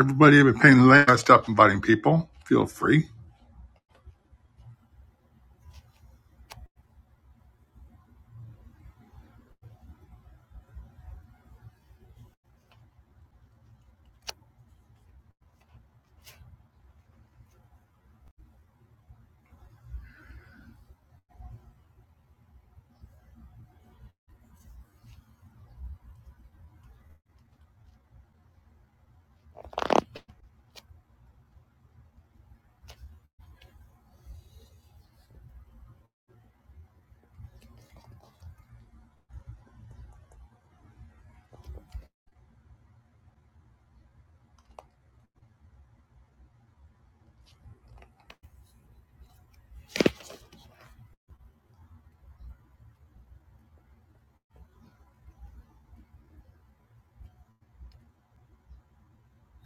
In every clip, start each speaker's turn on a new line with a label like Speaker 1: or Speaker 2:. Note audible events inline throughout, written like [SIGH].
Speaker 1: Everybody i have been paying the land. I stopped inviting people. Feel free.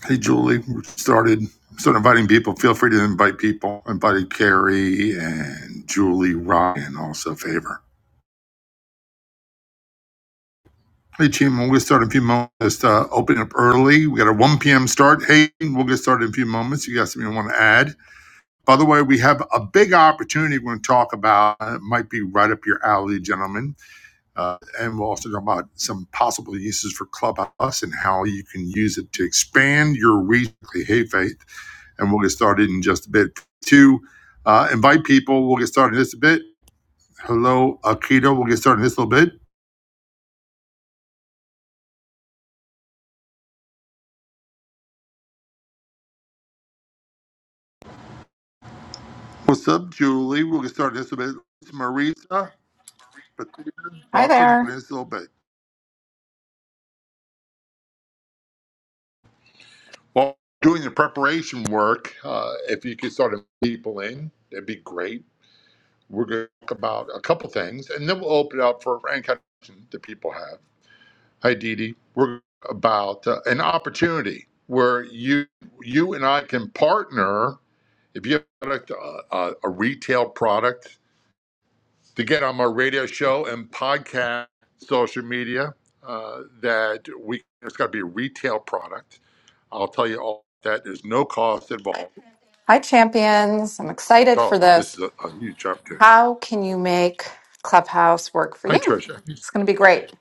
Speaker 1: Hey, Julie, we started started inviting people. Feel free to invite people. I invited Carrie and Julie Ryan, also favor. Hey, Chima, we'll get started in a few moments. Just uh, open up early. We got a 1 p.m. start. Hey, we'll get started in a few moments. You got something you want to add? By the way, we have a big opportunity we're going to talk about. It might be right up your alley, gentlemen Uh, and we'll also talk about some possible uses for Clubhouse and how you can use it to expand your reach. Hey, Faith. And we'll get started in just a bit. To uh, invite people, we'll get started in just a bit. Hello, Akita. We'll get started in just a little bit. What's up, Julie? We'll get started in just a bit. Marisa, Patricia,
Speaker 2: Hi
Speaker 1: welcome in
Speaker 2: there.
Speaker 1: just a little bit. Well, doing the preparation work, uh, if you could start inviting people in, that'd be great. We're going to talk about a couple things, and then we'll open it up for any kind of question that people have. Hi, Didi. We're about uh, an opportunity where you you and I can partner. If you have a, product, uh, uh, a retail product, to get on my radio show and podcast, social media, uh, that we it's got to be a retail product. I'll tell you all that. There's no cost involved.
Speaker 2: Hi, champions. I'm excited
Speaker 1: Oh,
Speaker 2: for
Speaker 1: this
Speaker 2: this.
Speaker 1: is a, a huge opportunity.
Speaker 2: How can you make Clubhouse work for
Speaker 1: Hi,
Speaker 2: you?
Speaker 1: Trisha. you
Speaker 2: It's going to be great.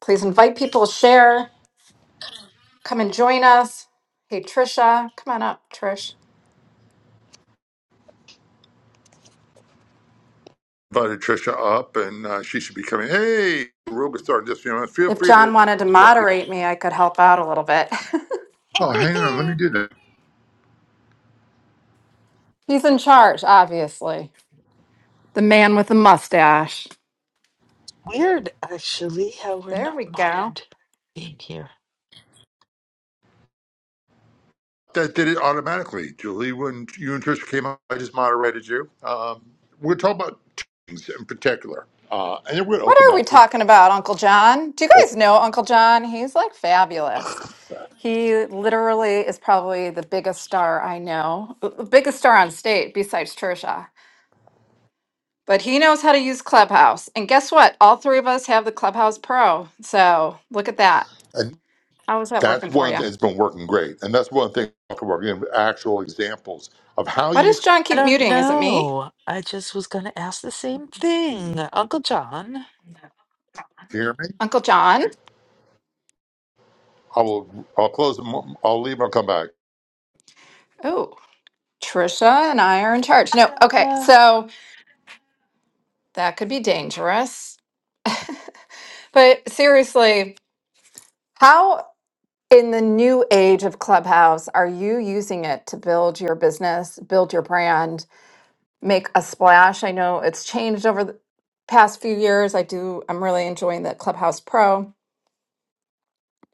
Speaker 2: Please invite people, share, come and join us. Hey, Trisha, come on up, Trish.
Speaker 1: Invited Trisha up, and uh, she should be coming. Hey, we're going to start this. few minutes. Feel
Speaker 2: If
Speaker 1: free to
Speaker 2: John wanted to
Speaker 1: interrupt people.
Speaker 2: moderate me, I could help out a little bit. [LAUGHS]
Speaker 1: Oh, hang on. Let me
Speaker 3: [LAUGHS]
Speaker 1: do that.
Speaker 2: He's in charge, obviously. The man with the mustache.
Speaker 3: Weird, actually, how we're
Speaker 2: There
Speaker 3: not
Speaker 2: we go.
Speaker 3: modded being here.
Speaker 1: that did it automatically. Julie, when you and Trisha came up, I just moderated you. Um, we're talking about two things in particular, uh, and then we're going to
Speaker 2: What
Speaker 1: open
Speaker 2: are we
Speaker 1: up. for-
Speaker 2: talking about, Uncle John? Do you
Speaker 1: well,
Speaker 2: guys know Uncle John? He's like fabulous. He literally is probably the biggest star I know, uh, the biggest star on state besides Trisha. But he knows how to use Clubhouse. And guess what? All three of us have the Clubhouse Pro. So look at that.
Speaker 1: and
Speaker 2: How is that
Speaker 1: that's
Speaker 2: working for
Speaker 1: one
Speaker 2: you?
Speaker 1: thing that's been working great. And that's one thing I'm talking about, actual examples of how
Speaker 2: Why
Speaker 1: you
Speaker 2: does
Speaker 1: can
Speaker 2: John
Speaker 3: I
Speaker 2: keep
Speaker 3: don't
Speaker 2: muting? Is it me?
Speaker 3: know. I just was going to ask the same thing. Uncle John.
Speaker 1: hear me.
Speaker 2: Uncle John?
Speaker 1: I will, I'll close, the mo- I'll leave, I'll come back.
Speaker 2: Oh, Trisha and I are in charge. No, okay.
Speaker 3: ta-da.
Speaker 2: So that could be dangerous. But seriously, how in the new age of Clubhouse are you using it to build your business, build your brand? make a splash. I know it's changed over the past few years. I do, I'm really enjoying the Clubhouse Pro.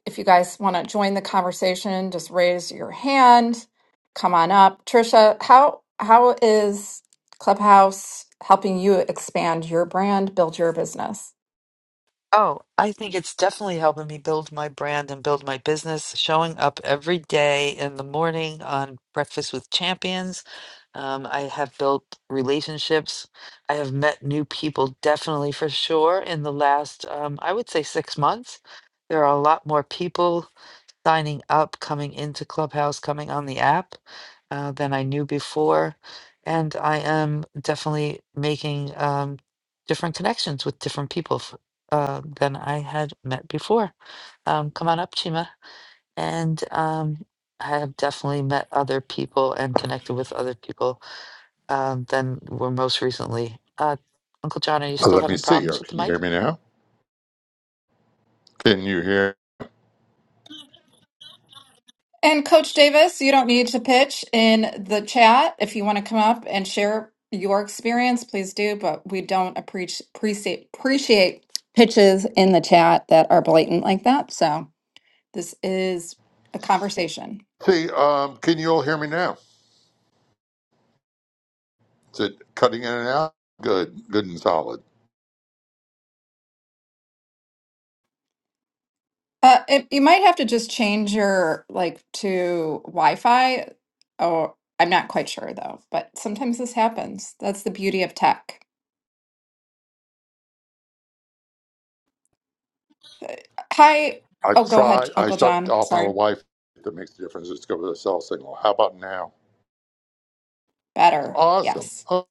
Speaker 2: If you guys want to join the conversation, just raise your hand. Come on up. Trisha, how how is Clubhouse helping you expand your brand, build your business?
Speaker 3: Oh, I think it's definitely helping me build my brand and build my business. Showing up every day in the morning on Breakfast with Champions. Um, I have built relationships. I have met new people, definitely for sure, in the last, um, I would say, six months. There are a lot more people signing up, coming into Clubhouse, coming on the app uh, than I knew before. And I am definitely making um, different connections with different people f- uh, than I had met before. Um, come on up, Chima. And um, I have definitely met other people and connected with other people um, than were most recently. Uh, Uncle John, are you
Speaker 1: Uh,
Speaker 3: still
Speaker 1: Let me
Speaker 3: having
Speaker 1: see. Uh,
Speaker 3: problems with the
Speaker 1: Can you
Speaker 3: mic?
Speaker 1: hear me now? Can you hear?
Speaker 2: And Coach Davis, you don't need to pitch in the chat. If you want to come up and share your experience, please do. But we don't appreci- appreciate appreciate pitches in the chat that are blatant like that. So this is a conversation.
Speaker 1: See, um, can you all hear me now? Is it cutting in and out? Good, good and solid.
Speaker 2: Uh, it, you might have to just change your like to Wi-Fi. Or I'm not quite sure though. But sometimes this happens. That's the beauty of tech. Hi.
Speaker 1: I
Speaker 2: Oh, go
Speaker 1: try.
Speaker 2: ahead,
Speaker 1: I
Speaker 2: Uncle
Speaker 1: shut
Speaker 2: John.
Speaker 1: off my
Speaker 2: Sorry.
Speaker 1: wife. That makes the difference. Let's go to the cell signal. How about now?
Speaker 2: Better.
Speaker 1: Awesome.
Speaker 2: Yes.
Speaker 1: Oh,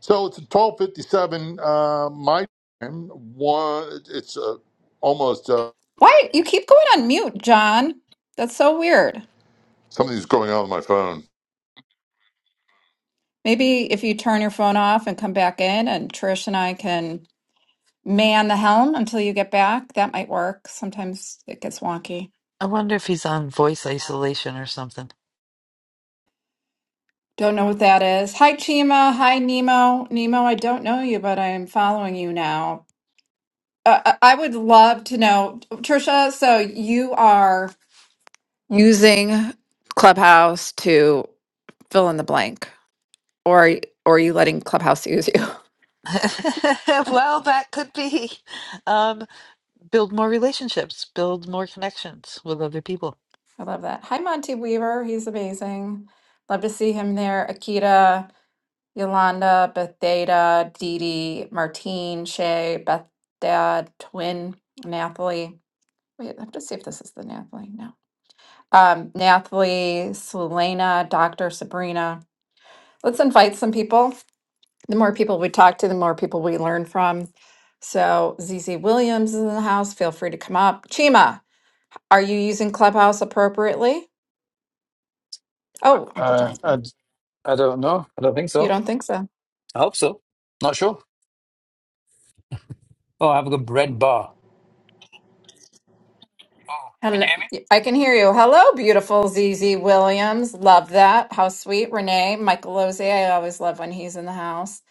Speaker 1: So it's 12:57 uh, my time. One, it's uh, almost uh,
Speaker 2: Why you keep going on mute, John? That's so weird.
Speaker 1: something's going on with my phone.
Speaker 2: Maybe if you turn your phone off and come back in, and Trish and I can man the helm until you get back. That might work. Sometimes it gets wonky.
Speaker 3: I wonder if he's on voice isolation or something.
Speaker 2: Don't know what that is. Hi, Chima. Hi, Nemo. Nemo, I don't know you, but I am following you now. Uh, I I would love to know, Trisha. So you are using Clubhouse to fill in the blank, or or are you letting Clubhouse use you?
Speaker 3: [LAUGHS] well, that could be. Um, build more relationships, build more connections with other people.
Speaker 2: I love that. Hi, Monty Weaver. He's amazing. Love to see him there. Akita, Yolanda, Beth Data, Dee Dee, Martine, Shay, Beth Dad, Twin, Nathalie. Wait, I have to see if this is the Nathalie. No. Um, Nathalie, Selena, Dr. Sabrina. Let's invite some people. The more people we talk to, the more people we learn from. So ZZ Williams is in the house. Feel free to come up. Chima, are you using Clubhouse appropriately? Oh, Uncle
Speaker 4: Uh,
Speaker 2: John's.
Speaker 4: I, d- I don't know. I don't think
Speaker 2: You
Speaker 4: so.
Speaker 2: don't think so?
Speaker 4: I hope so. Not sure. Oh, I have a bread bar. Oh, can you
Speaker 2: Hello.
Speaker 4: hear me?
Speaker 2: I can hear you. Hello, beautiful ZZ Williams. Love that. How sweet. Renee, Michael Lozzi. I always love when he's in the house.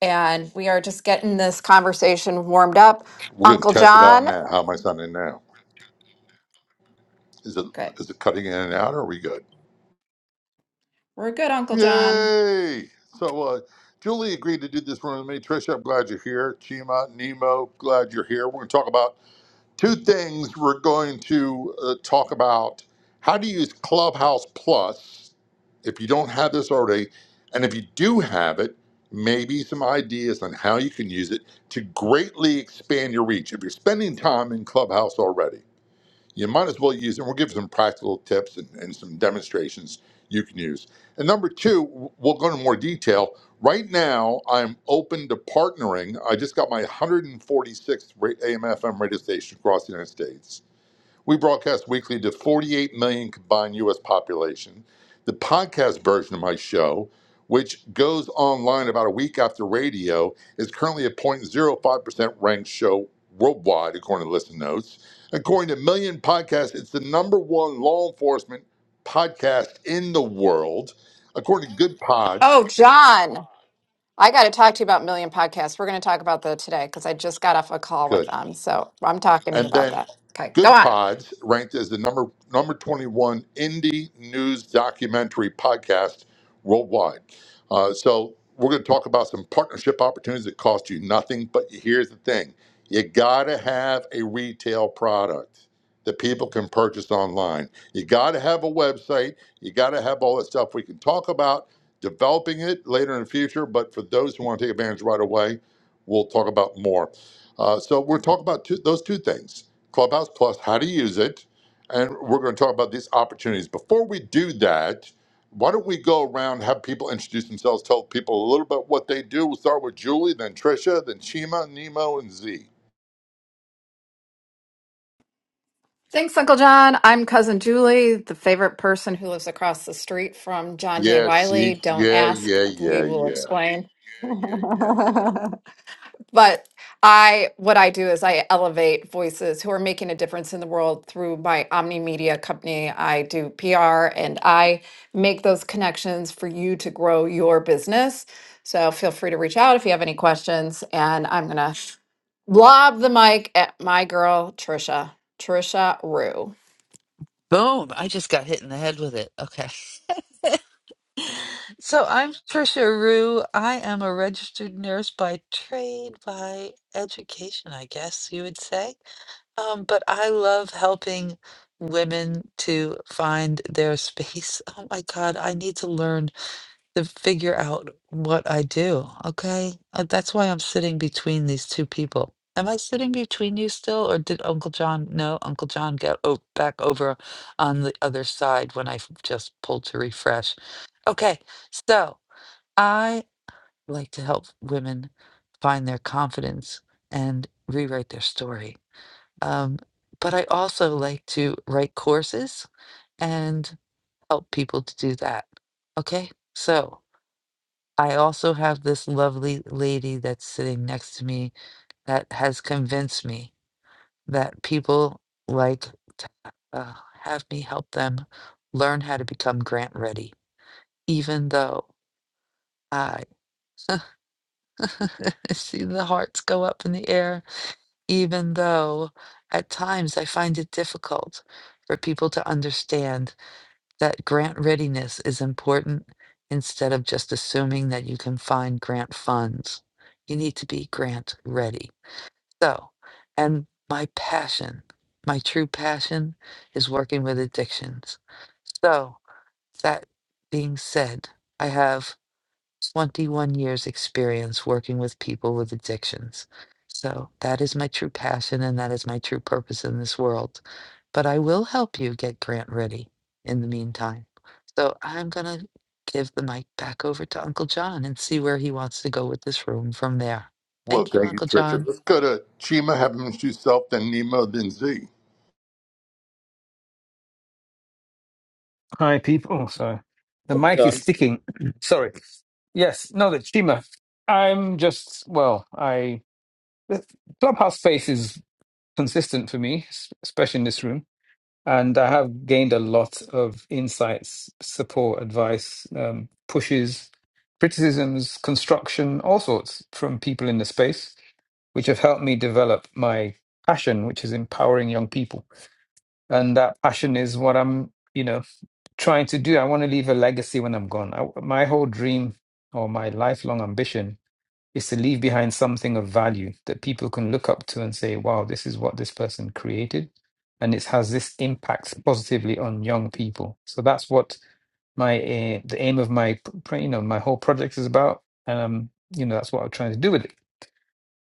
Speaker 2: And we are just getting this conversation warmed up.
Speaker 1: We're gonna
Speaker 2: Uncle
Speaker 1: test it out
Speaker 2: John.
Speaker 1: now. How am I sounding now? Is it
Speaker 2: Good.
Speaker 1: is it cutting in and out? Or are we good?
Speaker 2: We're good, Uncle John.
Speaker 1: Yay! So uh, Julie agreed to do this room with me. Trisha, I'm glad you're here. Chima, Nemo, glad you're here. We're gonna talk about two things we're going to uh, talk about how to use Clubhouse Plus if you don't have this already, and if you do have it, maybe some ideas on how you can use it to greatly expand your reach. If you're spending time in Clubhouse already, you might as well use it. We'll give some practical tips and, and some demonstrations you can use. And number two, w- we'll go into more detail. Right now, I'm open to partnering. I just got my 146th ra- AM/FM radio station across the United States we broadcast weekly to 48 million combined U.S. population. The podcast version of my show, which goes online about a week after radio, is currently a 0.05% ranked show worldwide, according to Listen Notes. According to Million Podcasts, it's the number one law enforcement podcast in the world. According to Good Pods,
Speaker 2: Oh, John. I got to talk to you about Million Podcasts. We're going to talk about that today because I just got off a call with
Speaker 1: good.
Speaker 2: them. So I'm talking to you
Speaker 1: And
Speaker 2: about
Speaker 1: then
Speaker 2: that. Okay, go
Speaker 1: Good
Speaker 2: on.
Speaker 1: Pods ranked as the number number 21 indie news documentary podcast worldwide. Uh, so we're going to talk about some partnership opportunities that cost you nothing. But here's the thing: you got to have a retail product that people can purchase online. You got to have a website. You got to have all that stuff. We can talk about developing it later in the future. But for those who want to take advantage right away, we'll talk about more. Uh, so we're talking about two, those two things: Clubhouse Plus, how to use it, and we're going to talk about these opportunities. Before we do that, why don't we go around, have people introduce themselves, tell people a little bit what they do. We'll start with Julie, then Trisha, then Chima, Nemo, and Z.
Speaker 2: Thanks, Uncle John. I'm Cousin Julie, the favorite person who lives across the street from John J.
Speaker 1: Yeah,
Speaker 2: Wiley.
Speaker 1: she,
Speaker 2: Don't
Speaker 1: yeah,
Speaker 2: ask,
Speaker 1: yeah,
Speaker 2: we
Speaker 1: yeah,
Speaker 2: will
Speaker 1: yeah.
Speaker 2: explain. [LAUGHS] but I, what I do is I elevate voices who are making a difference in the world through my Omni Media company. I do PR and I make those connections for you to grow your business. So feel free to reach out if you have any questions. And I'm going to lob the mic at my girl, Trisha, Trisha Rue.
Speaker 3: Boom! I just got hit in the head with it. Okay. So I'm Trisha Rue. I am a registered nurse by trade, by education, I guess you would say. Um, but I love helping women to find their space. [LAUGHS] Oh my God, I need to learn to figure out what I do. Okay. Uh, That's why I'm sitting between these two people. Am I sitting between you still, or did Uncle John? No, Uncle John got o- back over on the other side when I f- just pulled to refresh. Okay. So I like to help women find their confidence and rewrite their story. Um, but I also like to write courses and help people to do that. Okay. So I also have this lovely lady that's sitting next to me that has convinced me that people like to uh, have me help them learn how to become grant ready, even though I [LAUGHS] see the hearts go up in the air, even though at times I find it difficult for people to understand that grant readiness is important instead of just assuming that you can find grant funds. You need to be grant ready. So, and my passion, my true passion is working with addictions. So, that being said, I have 21 years experience working with people with addictions. So that is my true passion and that is my true purpose in this world. But I will help you get grant ready in the meantime. So I'm going to give the mic back over to Uncle John and see where he wants to go with this room from there.
Speaker 1: Well,
Speaker 3: Thank you,
Speaker 1: thank you,
Speaker 3: Uncle
Speaker 1: Trisha.
Speaker 3: John.
Speaker 1: Let's go to Chima, have him introduce himself, then Nemo, then Z.
Speaker 4: Hi, people. So the mic is
Speaker 5: John.
Speaker 4: sticking. [CLEARS THROAT] Sorry. Yes. No, the Chima. I'm just, well, I, the clubhouse space is consistent for me, s- especially in this room. And I have gained a lot of insights, support, advice, um, pushes, criticisms, construction, all sorts from people in the space which have helped me develop my passion, which is empowering young people. And that passion is what I'm, you know, trying to do. I want to leave a legacy when I'm gone. I, my whole dream or my lifelong ambition is to leave behind something of value that people can look up to and say, wow, this is what this person created. And it has this impact positively on young people. So that's what my aim, the aim of my, pr- you know, my whole project is about. And, um, you know, that's what I'm trying to do with it.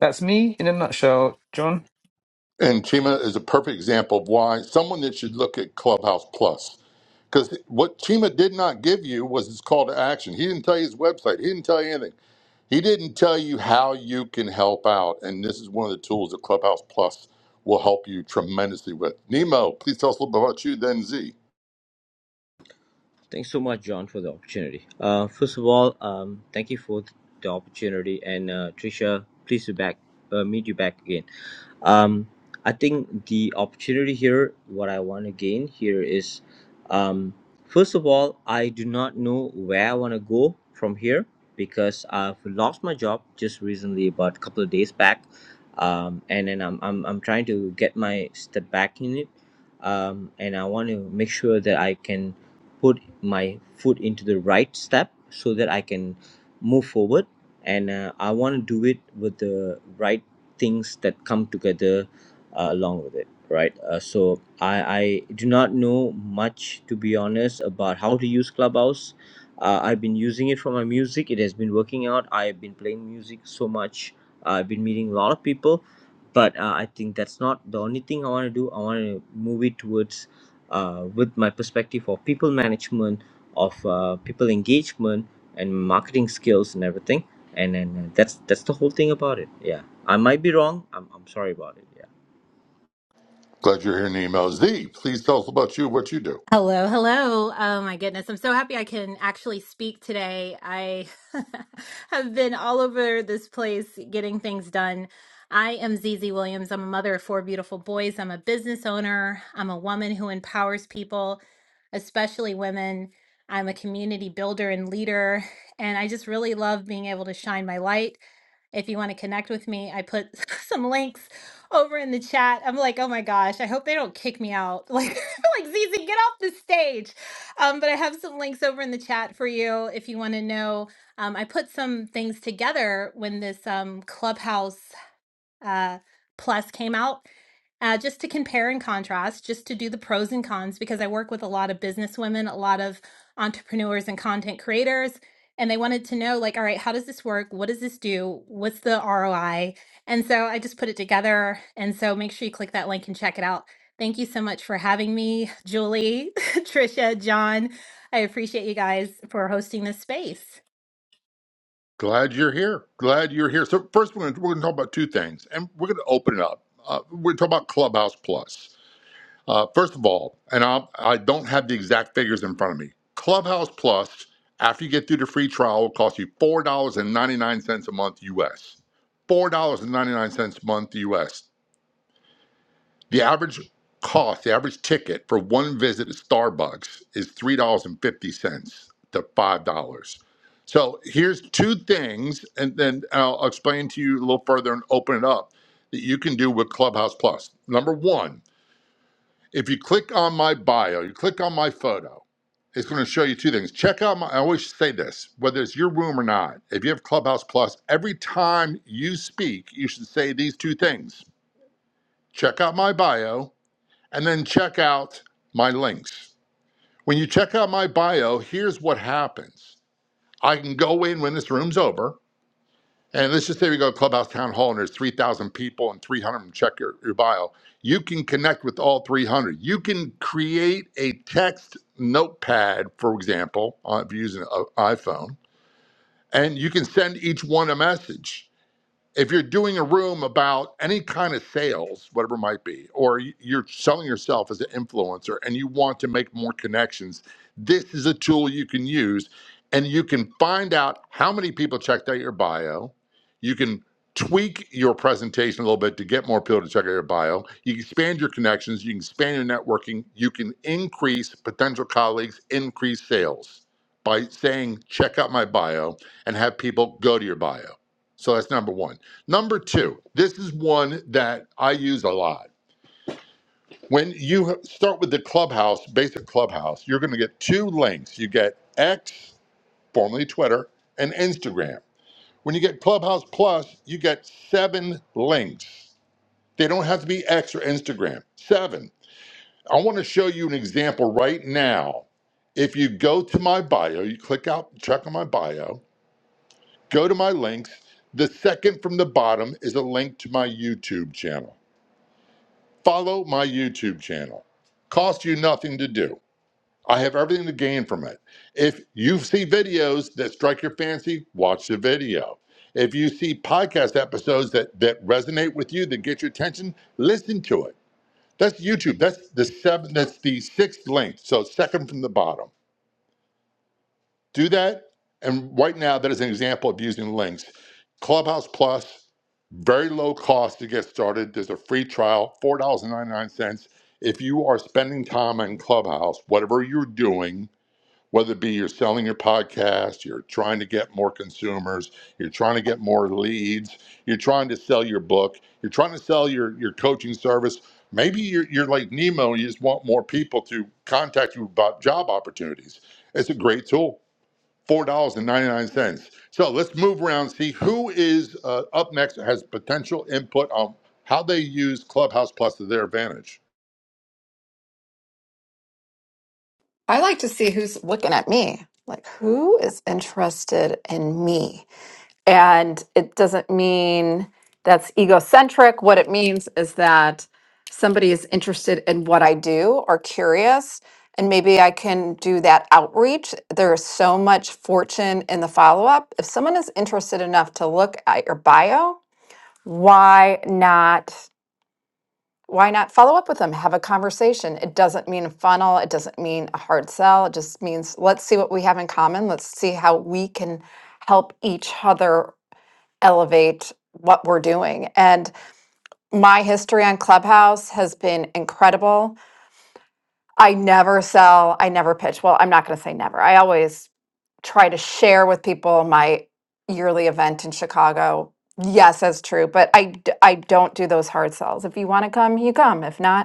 Speaker 4: That's me in a nutshell, John.
Speaker 1: And Chima is a perfect example of why someone that should look at Clubhouse Plus. Because what Chima did not give you was his call to action. He didn't tell you his website. He didn't tell you anything. He didn't tell you how you can help out. And this is one of the tools that Clubhouse Plus will help you tremendously with. Nemo, please tell us a little bit about you, then Z.
Speaker 5: Thanks so much, John, for the opportunity. Uh, first of all, um, thank you for the opportunity, and uh, Trisha, pleased to back uh, meet you back again. um, I think the opportunity here, what I want to gain here is, um, first of all, I do not know where I want to go from here because I've lost my job just recently, about a couple of days back, um, and then I'm, I'm I'm trying to get my step back in it, um, and I want to make sure that I can put my foot into the right step so that I can move forward, and uh, I want to do it with the right things that come together uh, along with it right uh, so I, I do not know much to be honest about how to use clubhouse uh, i've been using it for my music it has been working out i've been playing music so much i've been meeting a lot of people but uh, i think that's not the only thing i want to do i want to move it towards uh, with my perspective of people management of uh, people engagement and marketing skills and everything and then uh, that's that's the whole thing about it yeah I might be wrong. I'm, I'm sorry about it. Yeah.
Speaker 1: Glad you're here, Nemo. Z, please tell us about you, what you do.
Speaker 6: Hello, hello. Oh my goodness. I'm so happy I can actually speak today. I [LAUGHS] have been all over this place getting things done. I am Zizi Williams. I'm a mother of four beautiful boys. I'm a business owner. I'm a woman who empowers people, especially women. I'm a community builder and leader. And I just really love being able to shine my light. If you want to connect with me, I put [LAUGHS] some links over in the chat. I'm like, oh my gosh, I hope they don't kick me out. [LAUGHS] Like, [LAUGHS] like Zizi, get off the stage. Um, but I have some links over in the chat for you if you want to know. Um, I put some things together when this um, clubhouse uh, Plus came out. Uh, just to compare and contrast, just to do the pros and cons, because I work with a lot of businesswomen, a lot of entrepreneurs and content creators, and they wanted to know, like, all right, how does this work? What does this do? What's the ROI? And so I just put it together. And so make sure you click that link and check it out. Thank you so much for having me, Julie, [LAUGHS] Trisha, John. I appreciate you guys for hosting this space.
Speaker 1: Glad you're here. Glad you're here. So, first, we're going to we're going to talk about two things, and we're going to open it up. Uh, we're going to talk about Clubhouse Plus. Uh, first of all, and I'll, I don't have the exact figures in front of me, Clubhouse Plus, after you get through the free trial, will cost you $4.99 a month US. $4.99 a month US. The average cost, the average ticket for one visit to Starbucks is $3.50 to $5. So here's two things, and then I'll explain to you a little further and open it up that you can do with Clubhouse Plus. Number one, if you click on my bio, you click on my photo, it's going to show you two things. Check out my, I always say this, whether it's your room or not, if you have Clubhouse Plus, every time you speak, you should say these two things check out my bio and then check out my links. When you check out my bio, here's what happens I can go in when this room's over and let's just say we go to Clubhouse Town Hall and there's 3,000 people and 300 of them check your, your bio, you can connect with all 300. You can create a text notepad, for example, uh, if you're using an iPhone, and you can send each one a message if you're doing a room about any kind of sales, whatever it might be, or you're selling yourself as an influencer and you want to make more connections, this is a tool you can use and you can find out how many people checked out your bio. You can tweak your presentation a little bit to get more people to check out your bio. You can expand your connections, you can expand your networking, you can increase potential colleagues, increase sales by saying, check out my bio and have people go to your bio. So that's number one. Number two, this is one that I use a lot. When you h- start with the clubhouse, basic clubhouse, you're going to get two links. You get X, formerly Twitter, and Instagram. When you get Clubhouse Plus, you get seven links. They don't have to be X or Instagram. Seven. I want to show you an example right now. If you go to my bio, you click out, check on my bio, go to my links. The second from the bottom is a link to my YouTube channel. Follow my YouTube channel. Costs you nothing to do. I have everything to gain from it. If you see videos that strike your fancy, watch the video. If you see podcast episodes that, that resonate with you, that get your attention, listen to it. That's YouTube. That's the seven. That's the sixth link. So second from the bottom do that. And right now, that is an example of using links. Clubhouse Plus, very low cost to get started. There's a free trial, $4.99. If you are spending time in Clubhouse, whatever you're doing, whether it be you're selling your podcast, you're trying to get more consumers, you're trying to get more leads, you're trying to sell your book, you're trying to sell your, your coaching service, maybe you're, you're like Nemo and you just want more people to contact you about job opportunities. It's a great tool four dollars and ninety nine cents. So let's move around, see who is uh, up next has potential input on how they use Clubhouse Plus to their advantage.
Speaker 2: I like to see who's looking at me. Like, who is interested in me? And it doesn't mean that's egocentric. What it means is that somebody is interested in what I do or curious. And maybe I can do that outreach. There is so much fortune in the follow up. If someone is interested enough to look at your bio, why not? why not follow up with them have a conversation it doesn't mean a funnel it doesn't mean a hard sell it just means let's see what we have in common let's see how we can help each other elevate what we're doing and my history on clubhouse has been incredible i never sell i never pitch well i'm not going to say never i always try to share with people my yearly event in chicago yes that's true but i d- i don't do those hard sells if you want to come you come if not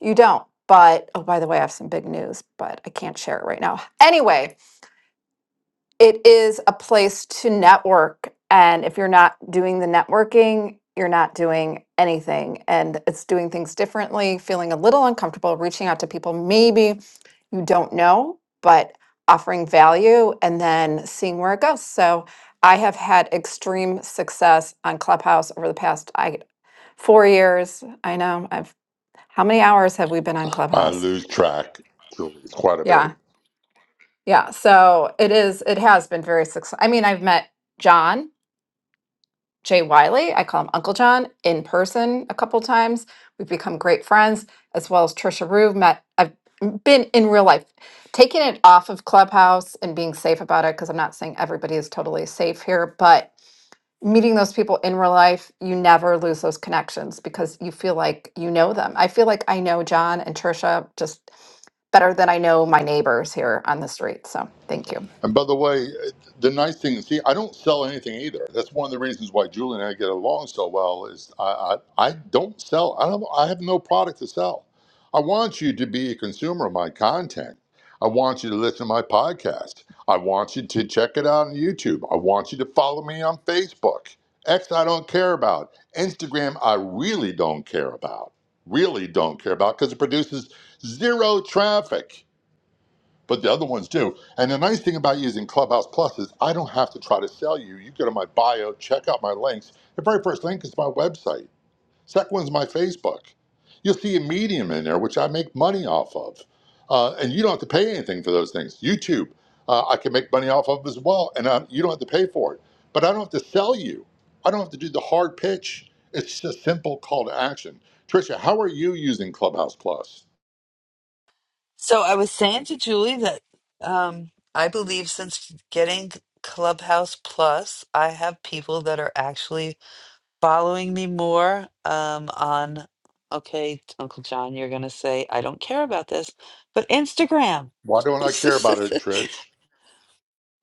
Speaker 2: you don't. But oh, by the way, I have some big news, but I can't share it right now. Anyway, it is a place to network. And if you're not doing the networking, you're not doing anything. And it's doing things differently, feeling a little uncomfortable, reaching out to people maybe you don't know, but offering value and then seeing where it goes. So I have had extreme success on Clubhouse over the past I, four years. I know I've, how many hours have we been on
Speaker 1: I
Speaker 2: Clubhouse?
Speaker 1: lose track, Julie, it's quite a bit.
Speaker 2: Yeah, Yeah, so it is, it has been very successful. I mean, I've met John Jay Wiley, I call him Uncle John, in person a couple times. We've become great friends, as well as Trisha Rue. Met, I've been in real life, taking it off of Clubhouse and being safe about it, because I'm not saying everybody is totally safe here, but meeting those people in real life, you never lose those connections because you feel like you know them. I feel like I know John and Trisha just better than I know my neighbors here on the street. So thank you.
Speaker 1: And by the way, the nice thing is, see, I don't sell anything either. That's one of the reasons why Julie and I get along so well. Is I I, I don't sell. I don't. I have no product to sell. I want you to be a consumer of my content. I want you to listen to my podcast. I want you to check it out on YouTube. I want you to follow me on Facebook. X, I don't care about. Instagram, I really don't care about. Really don't care about because it produces zero traffic but the other ones do. And the nice thing about using Clubhouse Plus is I don't have to try to sell you. You go to my bio, check out my links. The very first link is my website. Second one's my Facebook. You'll see a medium in there, which I make money off of. Uh, and you don't have to pay anything for those things. YouTube, uh, I can make money off of as well. And uh, you don't have to pay for it. But I don't have to sell you. I don't have to do the hard pitch. It's just a simple call to action. Tricia, how are you using Clubhouse Plus?
Speaker 3: So I was saying to Julie that um, I believe since getting Clubhouse Plus, I have people that are actually following me more um, on, okay, Uncle John, you're going to say, I don't care about this, but Instagram.
Speaker 1: Why don't I
Speaker 3: [LAUGHS]
Speaker 1: care about it, Trish?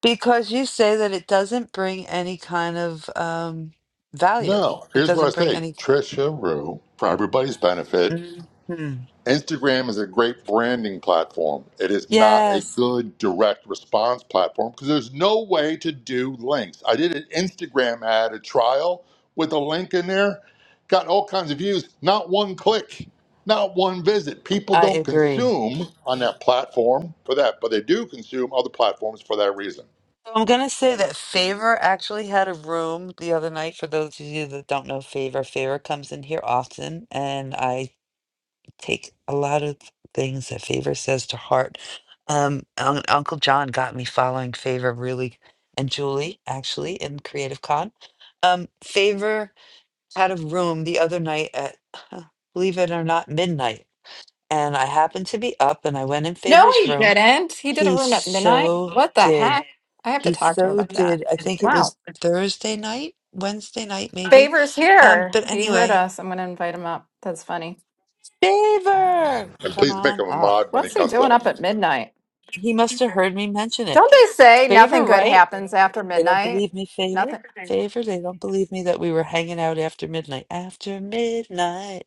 Speaker 3: because you say that it doesn't bring any kind of um, value.
Speaker 1: No,
Speaker 3: It
Speaker 1: here's what
Speaker 3: doesn't
Speaker 1: I
Speaker 3: bring
Speaker 1: say
Speaker 3: any.
Speaker 1: Trisha Rue, for everybody's benefit,
Speaker 3: Mhm.
Speaker 1: Instagram is a great branding platform. It is not a
Speaker 3: Yes,
Speaker 1: good direct response platform because there's no way to do links. I did an Instagram ad, a trial with a link in there, got all kinds of views, not one click, not one visit. People
Speaker 3: I
Speaker 1: don't
Speaker 3: agree.
Speaker 1: consume on that platform for that, but they do consume other platforms for that reason.
Speaker 3: So I'm going to say that Favor actually had a room the other night. For those of you that don't know Favor, Favor comes in here often, and I take a lot of things that Favor says to heart. Um, Un- Uncle John got me following Favor really, and Julie actually in Creative Con. Um, Favor had a room the other night at, huh, believe it or not, midnight, and I happened to be up and I went in
Speaker 2: No,
Speaker 3: Favor's
Speaker 2: he
Speaker 3: room.
Speaker 2: didn't. He did a
Speaker 3: He
Speaker 2: room at midnight.
Speaker 3: so
Speaker 2: What the
Speaker 3: did.
Speaker 2: heck? I have to
Speaker 3: He
Speaker 2: talk to him
Speaker 3: so
Speaker 2: about that.
Speaker 3: did. I think it
Speaker 2: Wow.
Speaker 3: was Thursday night, Wednesday night, maybe.
Speaker 2: Favors
Speaker 3: Um,
Speaker 2: here.
Speaker 3: but
Speaker 2: He heard
Speaker 3: anyway,
Speaker 2: us. I'm going to invite him up. That's funny.
Speaker 3: Favor,
Speaker 1: And
Speaker 3: come
Speaker 1: please make
Speaker 3: on
Speaker 1: them a
Speaker 3: up.
Speaker 1: mod when he
Speaker 2: What's he
Speaker 1: comes
Speaker 2: doing
Speaker 1: up.
Speaker 2: up at midnight?
Speaker 3: He must have heard me mention it.
Speaker 2: Don't they say
Speaker 3: Favor,
Speaker 2: nothing good
Speaker 3: right?
Speaker 2: happens after
Speaker 3: They don't
Speaker 2: midnight?
Speaker 3: believe me, Favor.
Speaker 2: Nothing.
Speaker 3: Favor, they don't believe me that we were hanging out after midnight. After midnight,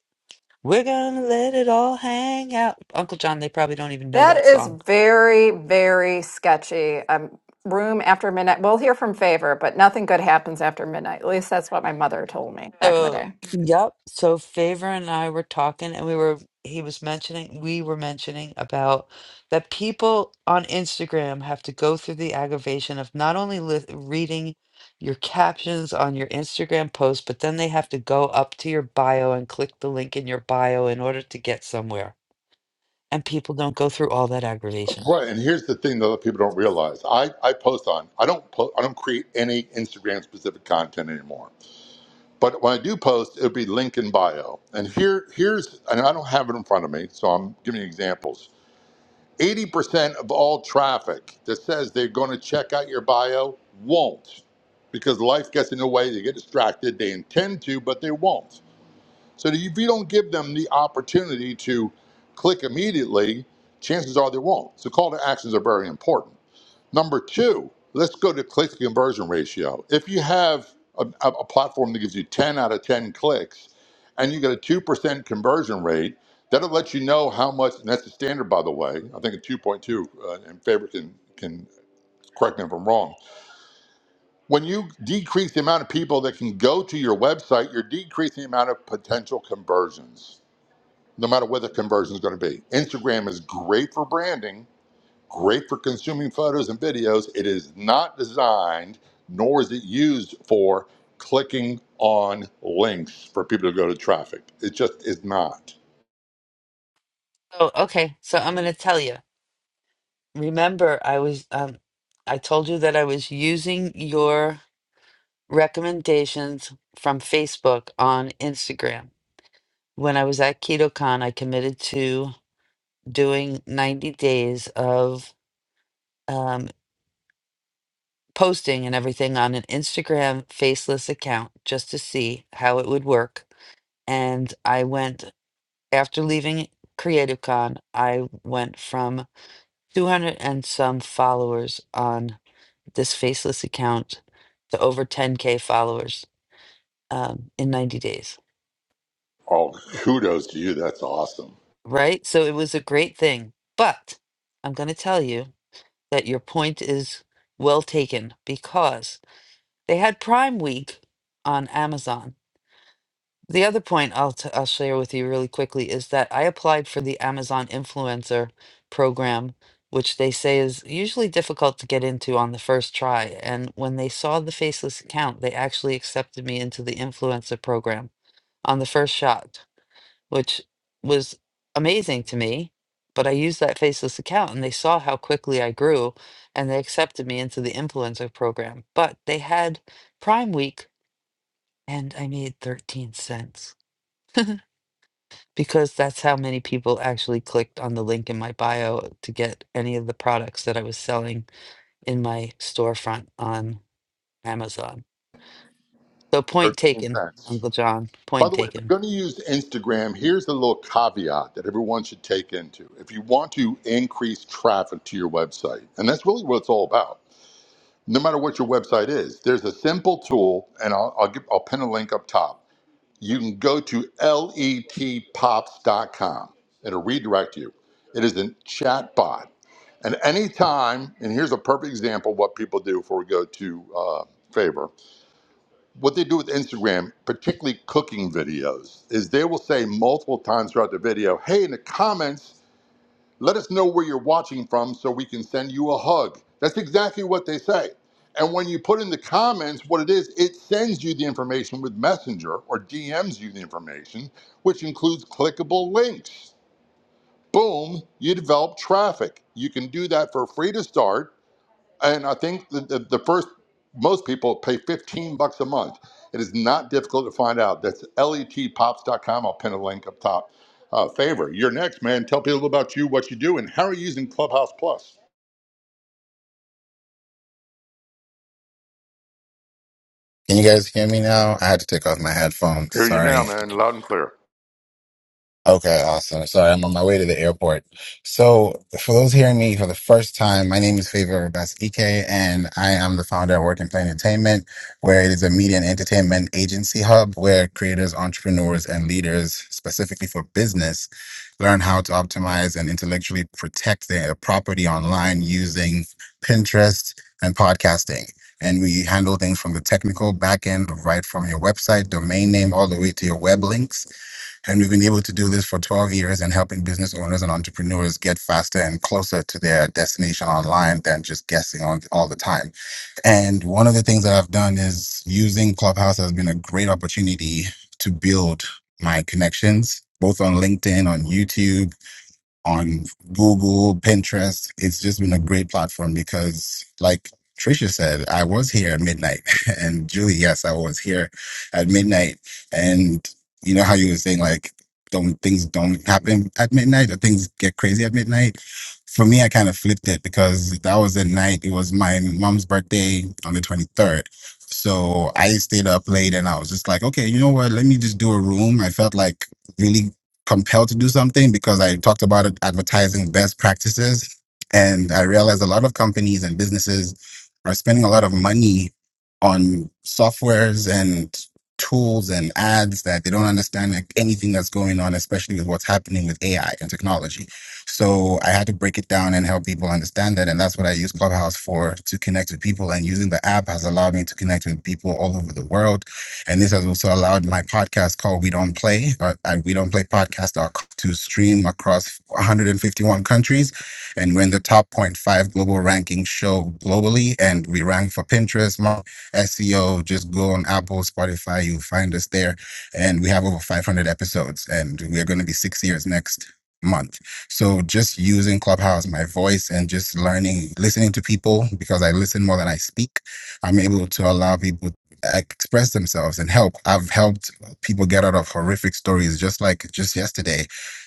Speaker 3: we're gonna let it all hang out. Uncle John, they probably don't even know
Speaker 2: That
Speaker 3: that
Speaker 2: is
Speaker 3: song.
Speaker 2: very, very sketchy. Um, room after midnight. We'll hear from Favor, but nothing good happens after midnight. At least that's what my mother told me back in the
Speaker 3: So,
Speaker 2: day.
Speaker 3: yep. So Favor and I were talking, and we were, he was mentioning, we were mentioning about that people on Instagram have to go through the aggravation of not only li reading your captions on your Instagram post, but then they have to go up to your bio and click the link in your bio in order to get somewhere. And people don't go through all that aggravation.
Speaker 1: Right, and here's the thing that other people don't realize. I, I post on. I don't po- I don't create any Instagram specific content anymore. But when I do post, it'll be link in bio. And here here's and I don't have it in front of me, so I'm giving you examples. 80% of all traffic that says they're going to check out your bio won't because life gets in the way, they get distracted, they intend to, but they won't. So if you don't give them the opportunity to click immediately, chances are they won't. So call to actions are very important. Number two, let's go to click to conversion ratio. If you have a, a a platform that gives you 10 out of 10 clicks and you get a 2% conversion rate, that'll let you know how much, and that's the standard, by the way. I think a 2.2, uh, and Faber can, can correct me if I'm wrong. When you decrease the amount of people that can go to your website, you're decreasing the amount of potential conversions, no matter what the conversion is going to be. Instagram is great for branding great for consuming photos and videos. It is not designed, nor is it used for clicking on links for people to go to traffic. It just is not.
Speaker 3: Oh, okay. So I'm going to tell you. Remember, I was, um, I told you that I was using your recommendations from Facebook on Instagram. When I was at KetoCon, I committed to doing 90 days of um, posting and everything on an Instagram faceless account just to see how it would work. And I went, after leaving CreativeCon, I went from 200 and some followers on this faceless account to over 10K followers um, in 90 days.
Speaker 1: Oh, kudos to you. That's awesome.
Speaker 3: right? So it was a great thing. But I'm going to tell you that your point is well taken because they had Prime Week on Amazon. The other point I'll, t- I'll share with you really quickly is that I applied for the Amazon Influencer program, which they say is usually difficult to get into on the first try. And when they saw the faceless account, they actually accepted me into the influencer program on the first shot which was amazing to me. But I used that faceless account and they saw how quickly I grew and they accepted me into the influencer program. But they had Prime Week and I made 13 cents [LAUGHS] because that's how many people actually clicked on the link in my bio to get any of the products that I was selling in my storefront on Amazon. So, point
Speaker 1: 13
Speaker 3: taken,
Speaker 1: cents.
Speaker 3: Uncle John,
Speaker 1: By
Speaker 3: point
Speaker 1: the way, if you're
Speaker 3: taken.
Speaker 1: going to use Instagram, here's a little caveat that everyone should take into. If you want to increase traffic to your website, and that's really what it's all about, no matter what your website is, there's a simple tool, and I'll, I'll, give, I'll pin a link up top you can go to letpops.com. It'll redirect you. It is a chat bot. And anytime, and here's a perfect example of what people do before we go to uh, favor. What they do with Instagram, particularly cooking videos, is they will say multiple times throughout the video, hey, in the comments, let us know where you're watching from so we can send you a hug. That's exactly what they say. And when you put in the comments what it is, it sends you the information with Messenger or DMs you the information, which includes clickable links. Boom, you develop traffic. You can do that for free to start and I think the, the, the first, most people pay 15 bucks a month. It is not difficult to find out. That's letpops.com. I'll pin a link up top. Uh, favor, you're next, man. Tell people about you, what you do, and how are you using Clubhouse Plus?
Speaker 7: Can you guys hear me now? I had to take off my headphones.
Speaker 1: Hear you
Speaker 7: Sorry.
Speaker 1: now, man, loud and clear.
Speaker 7: Okay, awesome. Sorry, I'm on my way to the airport. So, for those hearing me for the first time, my name is Favor Best EK, and I am the founder of Work and Play Entertainment, where it is a media and entertainment agency hub where creators, entrepreneurs, and leaders, specifically for business, learn how to optimize and intellectually protect their property online using Pinterest and podcasting. And we handle things from the technical backend, right from your website, domain name, all the way to your web links and we've been able to do this for 12 years and helping business owners and entrepreneurs get faster and closer to their destination online than just guessing on all the time. And one of the things that I've done is using Clubhouse has been a great opportunity to build my connections, both on LinkedIn, on YouTube, on Google, Pinterest. It's just been a great platform because, like Tricia said, I was here at midnight. [LAUGHS] And Julie, yes, I was here at midnight. And you know how you were saying, like, don't things don't happen at midnight or things get crazy at midnight? For me, I kind of flipped it because that was the night. It was my mom's birthday on the 23rd. So I stayed up late and I was just like, okay, you know what? Let me just do a room. I felt like really compelled to do something because I talked about it, advertising best practices. And I realized a lot of companies and businesses are spending a lot of money on softwares and tools and ads that they don't understand like, anything that's going on, especially with what's happening with AI and technology. So I had to break it down and help people understand that. And that's what I use Clubhouse for to connect with people. And using the app has allowed me to connect with people all over the world and this has also allowed my podcast called We Don't Play at We Don't Play Podcast dot com to stream across 151 countries. And we're in the top zero point 0.5 global ranking show globally. And we rank for Pinterest, SEO. Just go on Apple, Spotify, you find us there. And we have over 500 episodes. And we're going to be six years next month. So just using Clubhouse, my voice, and just learning, listening to people because I listen more than I speak. I'm able to allow people express themselves and help. I've helped people get out of horrific stories. Just like just yesterday,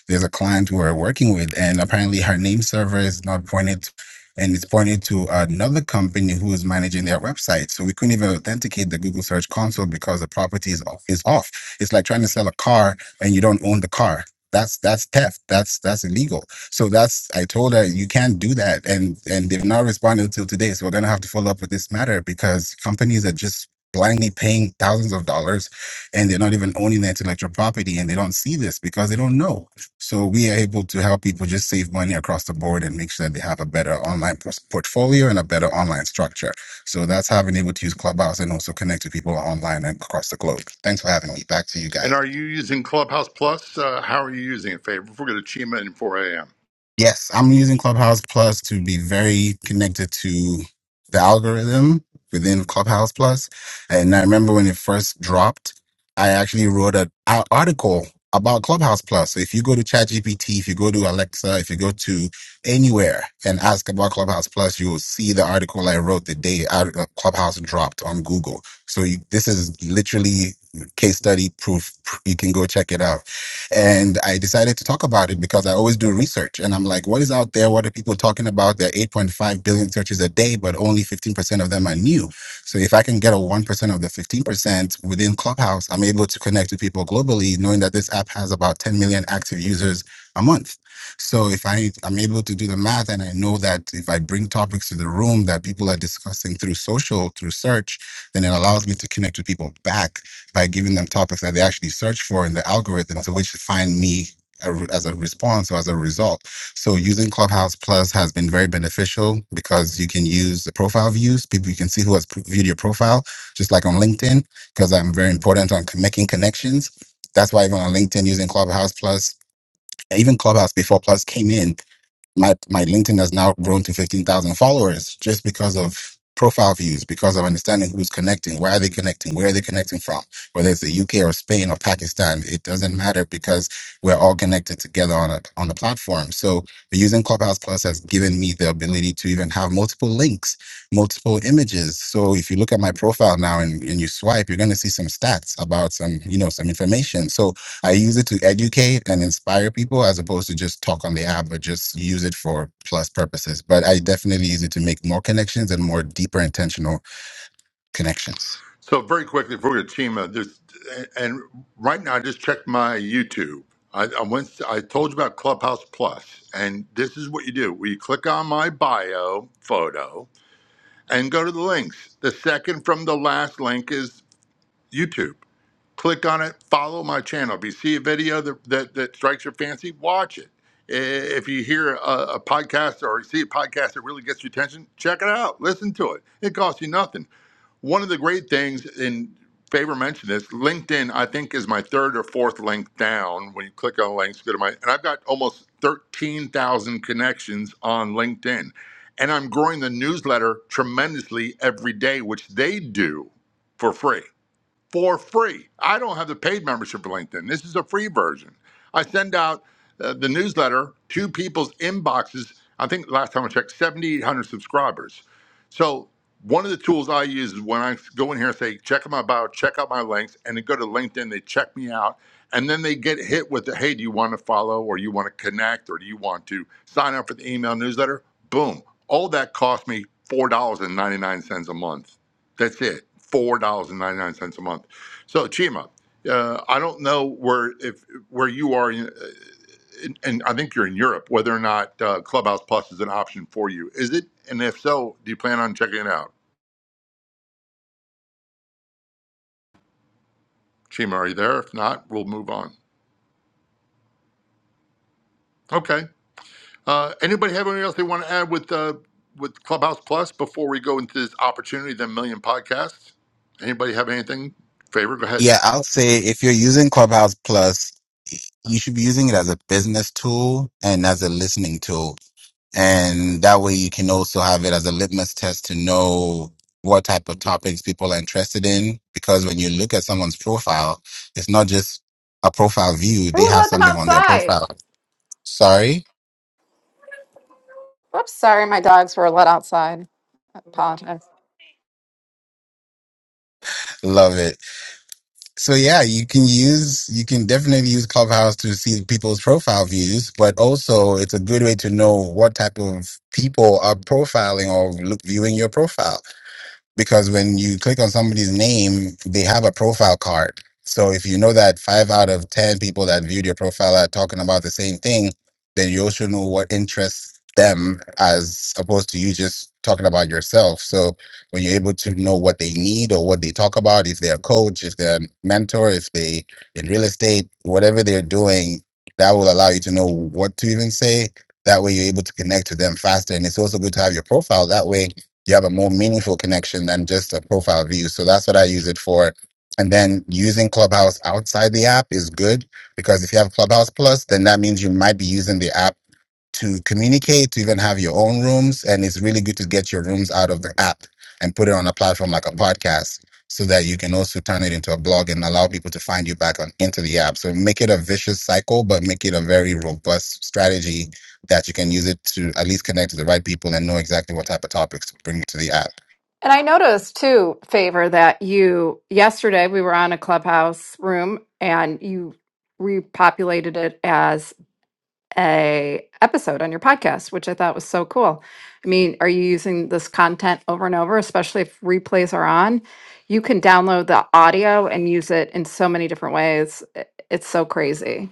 Speaker 7: there's a client we are working with, and apparently her name server is not pointed, to, and it's pointed to another company who is managing their website. So we couldn't even authenticate the Google Search Console because the property is off. Is off. It's like trying to sell a car and you don't own the car. That's that's theft. That's that's illegal. So that's I told her you can't do that, and and they've not responded until today. So we're gonna have to follow up with this matter because companies are just blindly paying thousands of dollars and they're not even owning the intellectual property and they don't see this because they don't know. So we are able to help people just save money across the board and make sure that they have a better online pos- portfolio and a better online structure. So that's how I've been able to use Clubhouse and also connect to people online and across the globe. Thanks for having me. Back to you guys.
Speaker 1: And are you using Clubhouse Plus? Uh, how are you using it, Favor? If we're going to Chima in 4 a.m.
Speaker 7: Yes, I'm using Clubhouse Plus to be very connected to the algorithm within Clubhouse Plus. And I remember when it first dropped, I actually wrote an ar- article about Clubhouse Plus. So if you go to ChatGPT, if you go to Alexa, if you go to anywhere and ask about Clubhouse Plus, you will see the article I wrote the day out- uh, Clubhouse dropped on Google. So you, this is literally case study proof. You can go check it out. And I decided to talk about it because I always do research. And I'm like, what is out there? What are people talking about? There are 8.5 billion searches a day, but only 15% of them are new. So if I can get a 1% of the 15% within Clubhouse, I'm able to connect to people globally, knowing that this app has about 10 million active users a month. So if I, I'm able to do the math and I know that if I bring topics to the room that people are discussing through social, through search, then it allows me to connect with people back by giving them topics that they actually search for in the algorithm to which to find me a as a response or as a result. So using Clubhouse Plus has been very beneficial because you can use the profile views. People you can see who has pr- viewed your profile, just like on LinkedIn, because I'm very important on con- making connections. That's why even on LinkedIn, using Clubhouse Plus, even Clubhouse before Plus came in, my my LinkedIn has now grown to fifteen thousand followers just because of profile views, because of understanding who's connecting, why are they connecting, where are they connecting from, whether it's the UK or Spain or Pakistan, it doesn't matter because we're all connected together on a on the platform. So using Clubhouse Plus has given me the ability to even have multiple links, multiple images. So if you look at my profile now and, and you swipe, you're gonna see some stats about some, you know, some information. So I use it to educate and inspire people as opposed to just talk on the app or just use it for plus purposes. But I definitely use it to make more connections and more deeper intentional connections.
Speaker 1: So very quickly for your team, uh, just and right now I just checked my YouTube. I, I went. I told you about Clubhouse Plus, and this is what you do: Well, you click on my bio photo and go to the links. The second from the last link is YouTube. Click on it. Follow my channel. If you see a video that that, that strikes your fancy, watch it. I- If you hear a, a podcast or see a podcast that really gets your attention, check it out. Listen to it. It costs you nothing. One of the great things, and Favor mentioned this, LinkedIn, I think, is my third or fourth link down. When you click on links, go to my, and I've got almost 13,000 connections on LinkedIn. And I'm growing the newsletter tremendously every day, which they do for free for free. I don't have the paid membership for LinkedIn. This is a free version. I send out uh, the newsletter to people's inboxes. I think last time I checked, 7,800 subscribers. So one of the tools I use is when I go in here and say, check out my bio, check out my links, and they go to LinkedIn, they check me out, and then they get hit with the, hey, do you want to follow or you want to connect or do you want to sign up for the email newsletter? Boom. All that cost me $4.99 a month. That's it. Four dollars and ninety nine cents a month. So Chima, uh, I don't know where if where you are, in, uh, in- and I think you're in Europe. Whether or not uh, Clubhouse Plus is an option for you, is it? And if so, do you plan on checking it out? Chima, are you there? If not, we'll move on. Okay. Uh, anybody have anything else they want to add with uh, with Clubhouse Plus before we go into this opportunity, the million podcasts? Anybody have anything? Favor, go ahead.
Speaker 7: Yeah, I'll say if you're using Clubhouse Plus, you should be using it as a business tool and as a listening tool. And that way you can also have it as a litmus test to know what type of topics people are interested in. Because when you look at someone's profile, it's not just a profile view. They
Speaker 2: Who
Speaker 7: have
Speaker 2: let them
Speaker 7: something on their
Speaker 2: outside?
Speaker 7: profile Sorry.
Speaker 2: Whoops, sorry, my dogs were let outside. I apologize.
Speaker 7: Love it. So yeah, you can use, you can definitely use Clubhouse to see people's profile views, but also it's a good way to know what type of people are profiling or look, viewing your profile. because when you click on somebody's name, they have a profile card. So if you know that five out of 10 people that viewed your profile are talking about the same thing, then you also know what interests them as opposed to you just talking about yourself. So when you're able to know what they need or what they talk about, if they're a coach, if they're a mentor, if they in real estate, whatever they're doing, that will allow you to know what to even say. That way you're able to connect to them faster. And it's also good to have your profile that way you have a more meaningful connection than just a profile view. So that's what I use it for. And then using Clubhouse outside the app is good because if you have Clubhouse Plus, then that means you might be using the app to communicate, to even have your own rooms. And it's really good to get your rooms out of the app and put it on a platform like a podcast so that you can also turn it into a blog and allow people to find you back on into the app. So make it a vicious cycle, but make it a very robust strategy that you can use it to at least connect to the right people and know exactly what type of topics to bring to the app.
Speaker 2: And I noticed too, Favor, that you yesterday we were on a clubhouse room and you repopulated it as a episode on your podcast, which I thought was so cool. I mean, are you using this content over and over, especially if replays are on? You can download the audio and use it in so many different ways. I- It's so crazy.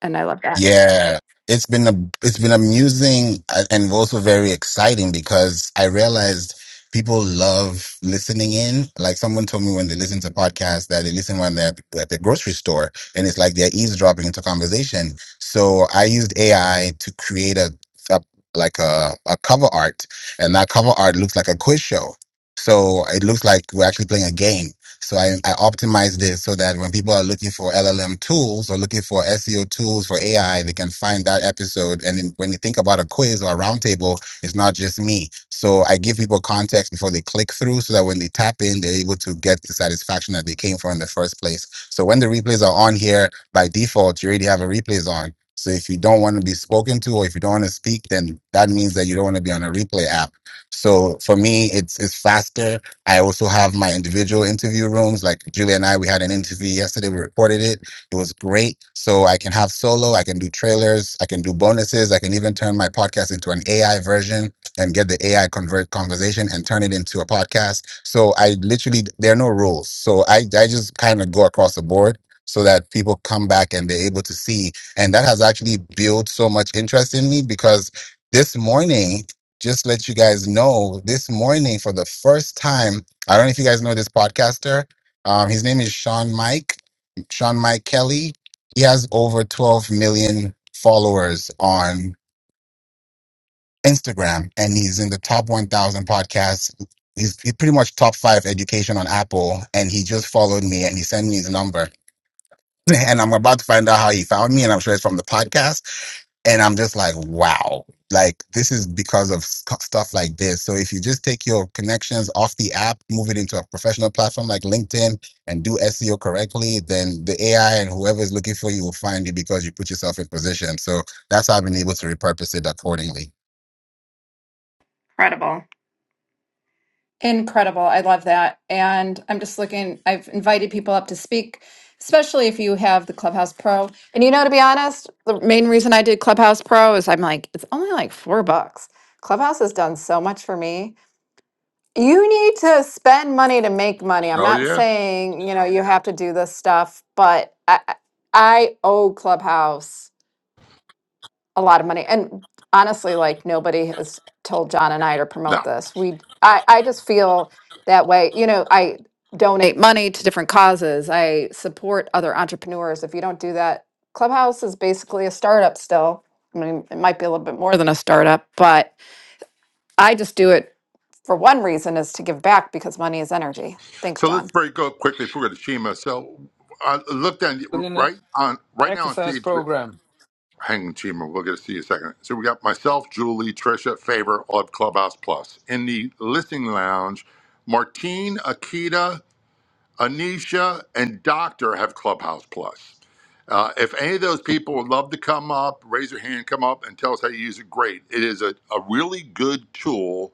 Speaker 2: And I love that.
Speaker 7: Yeah, it's been a it's been amusing uh, and also very exciting because I realized people love listening in. Like someone told me when they listen to podcasts that they listen when they're at the grocery store, and it's like they're eavesdropping into conversation. So I used AI to create a, a like a, a cover art, and that cover art looks like a quiz show. So it looks like we're actually playing a game. So I, I optimized it so that when people are looking for LLM tools or looking for SEO tools for AI, they can find that episode. And then when you think about a quiz or a roundtable, it's not just me. So I give people context before they click through so that when they tap in, they're able to get the satisfaction that they came for in the first place. So when the replays are on here, by default, you already have a replays on. So if you don't want to be spoken to or if you don't want to speak, then that means that you don't want to be on a replay app. So for me, it's it's faster I also have my individual interview rooms. Like Julia and I, we had an interview yesterday. We recorded it. It was great. So I can have solo, I can do trailers, I can do bonuses, I can even turn my podcast into an AI version and get the AI convert conversation and turn it into a podcast. So I literally, there are no rules. So I, I just kind of go across the board so that people come back and they're able to see. And that has actually built so much interest in me because this morning, just let you guys know this morning for the first time. I don't know if you guys know this podcaster. Um, his name is Sean Mike, Sean Mike Kelly. He has over 12 million followers on Instagram, and he's in the top 1,000 podcasts. He's, he's pretty much top five education on Apple, and he just followed me and he sent me his number. [LAUGHS] And I'm about to find out how he found me, and I'm sure it's from the podcast and I'm just like, wow, like this is because of sc- stuff like this. So if you just take your connections off the app, move it into a professional platform like LinkedIn, and do SEO correctly, then the AI and whoever is looking for you will find you because you put yourself in position. So that's how I've been able to repurpose it accordingly.
Speaker 2: Incredible. Incredible. I love that. And I'm just looking, I've invited people up to speak, especially if you have the Clubhouse Pro. And you know, to be honest, the main reason I did Clubhouse Pro is I'm like, it's only like four bucks. Clubhouse has done so much for me. You need to spend money to make money. I'm
Speaker 1: Oh
Speaker 2: not
Speaker 1: yeah.
Speaker 2: saying, you know, you have to do this stuff, but I, I I owe Clubhouse a lot of money. And honestly, like nobody has told John and I to promote
Speaker 1: No.
Speaker 2: this. We, I, I just feel that way. You know, I donate money to different causes. I support other entrepreneurs. If you don't do that, Clubhouse is basically a startup still. I mean, it might be a little bit more than a startup, but I just do it for one reason is to give back because money is energy. Thanks,
Speaker 1: So
Speaker 2: John.
Speaker 1: let's break up quickly for the Shima. So I looked at
Speaker 4: within the
Speaker 1: right on right now on
Speaker 4: exercise
Speaker 1: stage.
Speaker 4: program.
Speaker 1: Hang on, Chima. We'll get to see you in a second. So we got myself, Julie, Trisha, Favor, all of Clubhouse Plus in the listening lounge. Martine, Akita, Anisha, and Doctor have Clubhouse Plus. Uh, if any of those people would love to come up, raise your hand, come up, and tell us how you use it. Great. It is a, a really good tool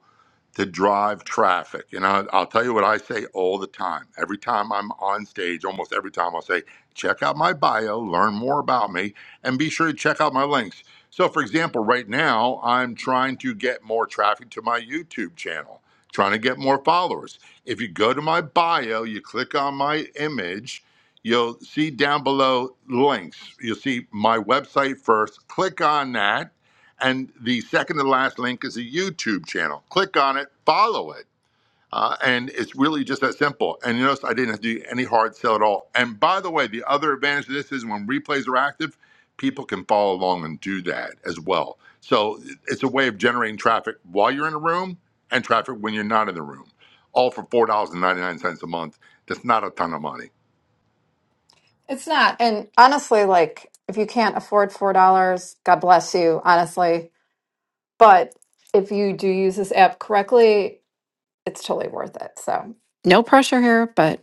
Speaker 1: to drive traffic. And I, I'll tell you what I say all the time. Every time I'm on stage, almost every time I'll say, check out my bio, learn more about me, and be sure to check out my links. So, for example, right now, I'm trying to get more traffic to my YouTube channel, trying to get more followers. If you go to my bio, you click on my image, you'll see down below links. You'll see my website first. Click on that and the second to last link is a YouTube channel. Click on it, follow it. Uh, and it's really just that simple. And you notice I didn't have to do any hard sell at all. And by the way, the other advantage of this is when replays are active, people can follow along and do that as well. So it's a way of generating traffic while you're in a room and traffic when you're not in the room, all for $4.99 a month. That's not a ton of money.
Speaker 2: It's not. And honestly, like if you can't afford four dollars, God bless you, honestly. But if you do use this app correctly, it's totally worth it. So no pressure here, but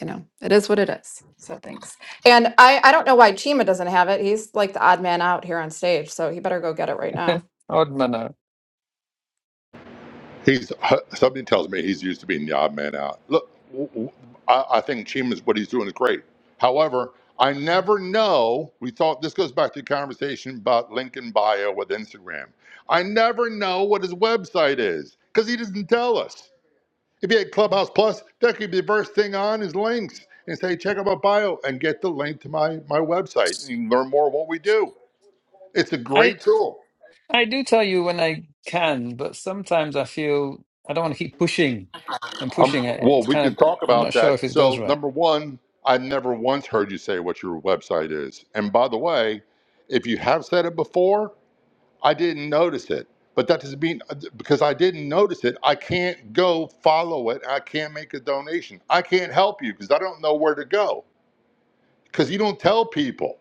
Speaker 2: you know, it is what it is. So thanks. And I, I don't know why Chima doesn't have it. He's like the odd man out here on stage, so he better go get it right
Speaker 4: [LAUGHS]
Speaker 2: now.
Speaker 4: Odd manner.
Speaker 1: He's something tells me he's used to being the odd man out. Look, w- w- I, I think Chima's what he's doing is great. However, I never know. We thought this goes back to the conversation about Lincoln bio with Instagram. I never know what his website is because he doesn't tell us. If he had Clubhouse Plus, that could be the first thing on his links and say, check out my bio and get the link to my, my website and you can learn more of what we do. It's a
Speaker 4: I
Speaker 1: great tool.
Speaker 4: I do tell you when I can, but sometimes I feel I don't want to keep pushing and
Speaker 1: Um,
Speaker 4: pushing. I-
Speaker 1: well,
Speaker 4: It's
Speaker 1: we
Speaker 4: kind
Speaker 1: could
Speaker 4: of
Speaker 1: talk
Speaker 4: I'm not
Speaker 1: about
Speaker 4: sure if
Speaker 1: that.
Speaker 4: it goes
Speaker 1: So,
Speaker 4: right.
Speaker 1: number one, I never once heard you say what your website is. And by the way, if you have said it before, I didn't notice it. But that doesn't mean uh, because I didn't notice it, I can't go follow it. I can't make a donation. I can't help you because I don't know where to go because you don't tell people.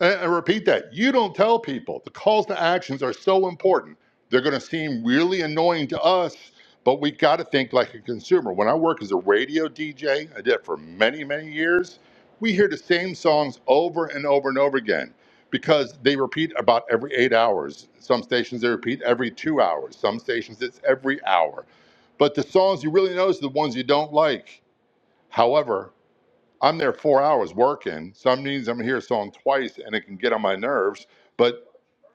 Speaker 1: And I repeat that. You don't tell people. The calls to actions are so important. They're going to seem really annoying to us, but we got to think like a consumer. When I work as a radio DJ, I did it for many, many years. We hear the same songs over and over and over again because they repeat about every eight hours. Some stations they repeat every two hours. Some stations it's every hour. But the songs you really notice are the ones you don't like. However, I'm there four hours working. Some meetings I'm here selling twice and it can get on my nerves. But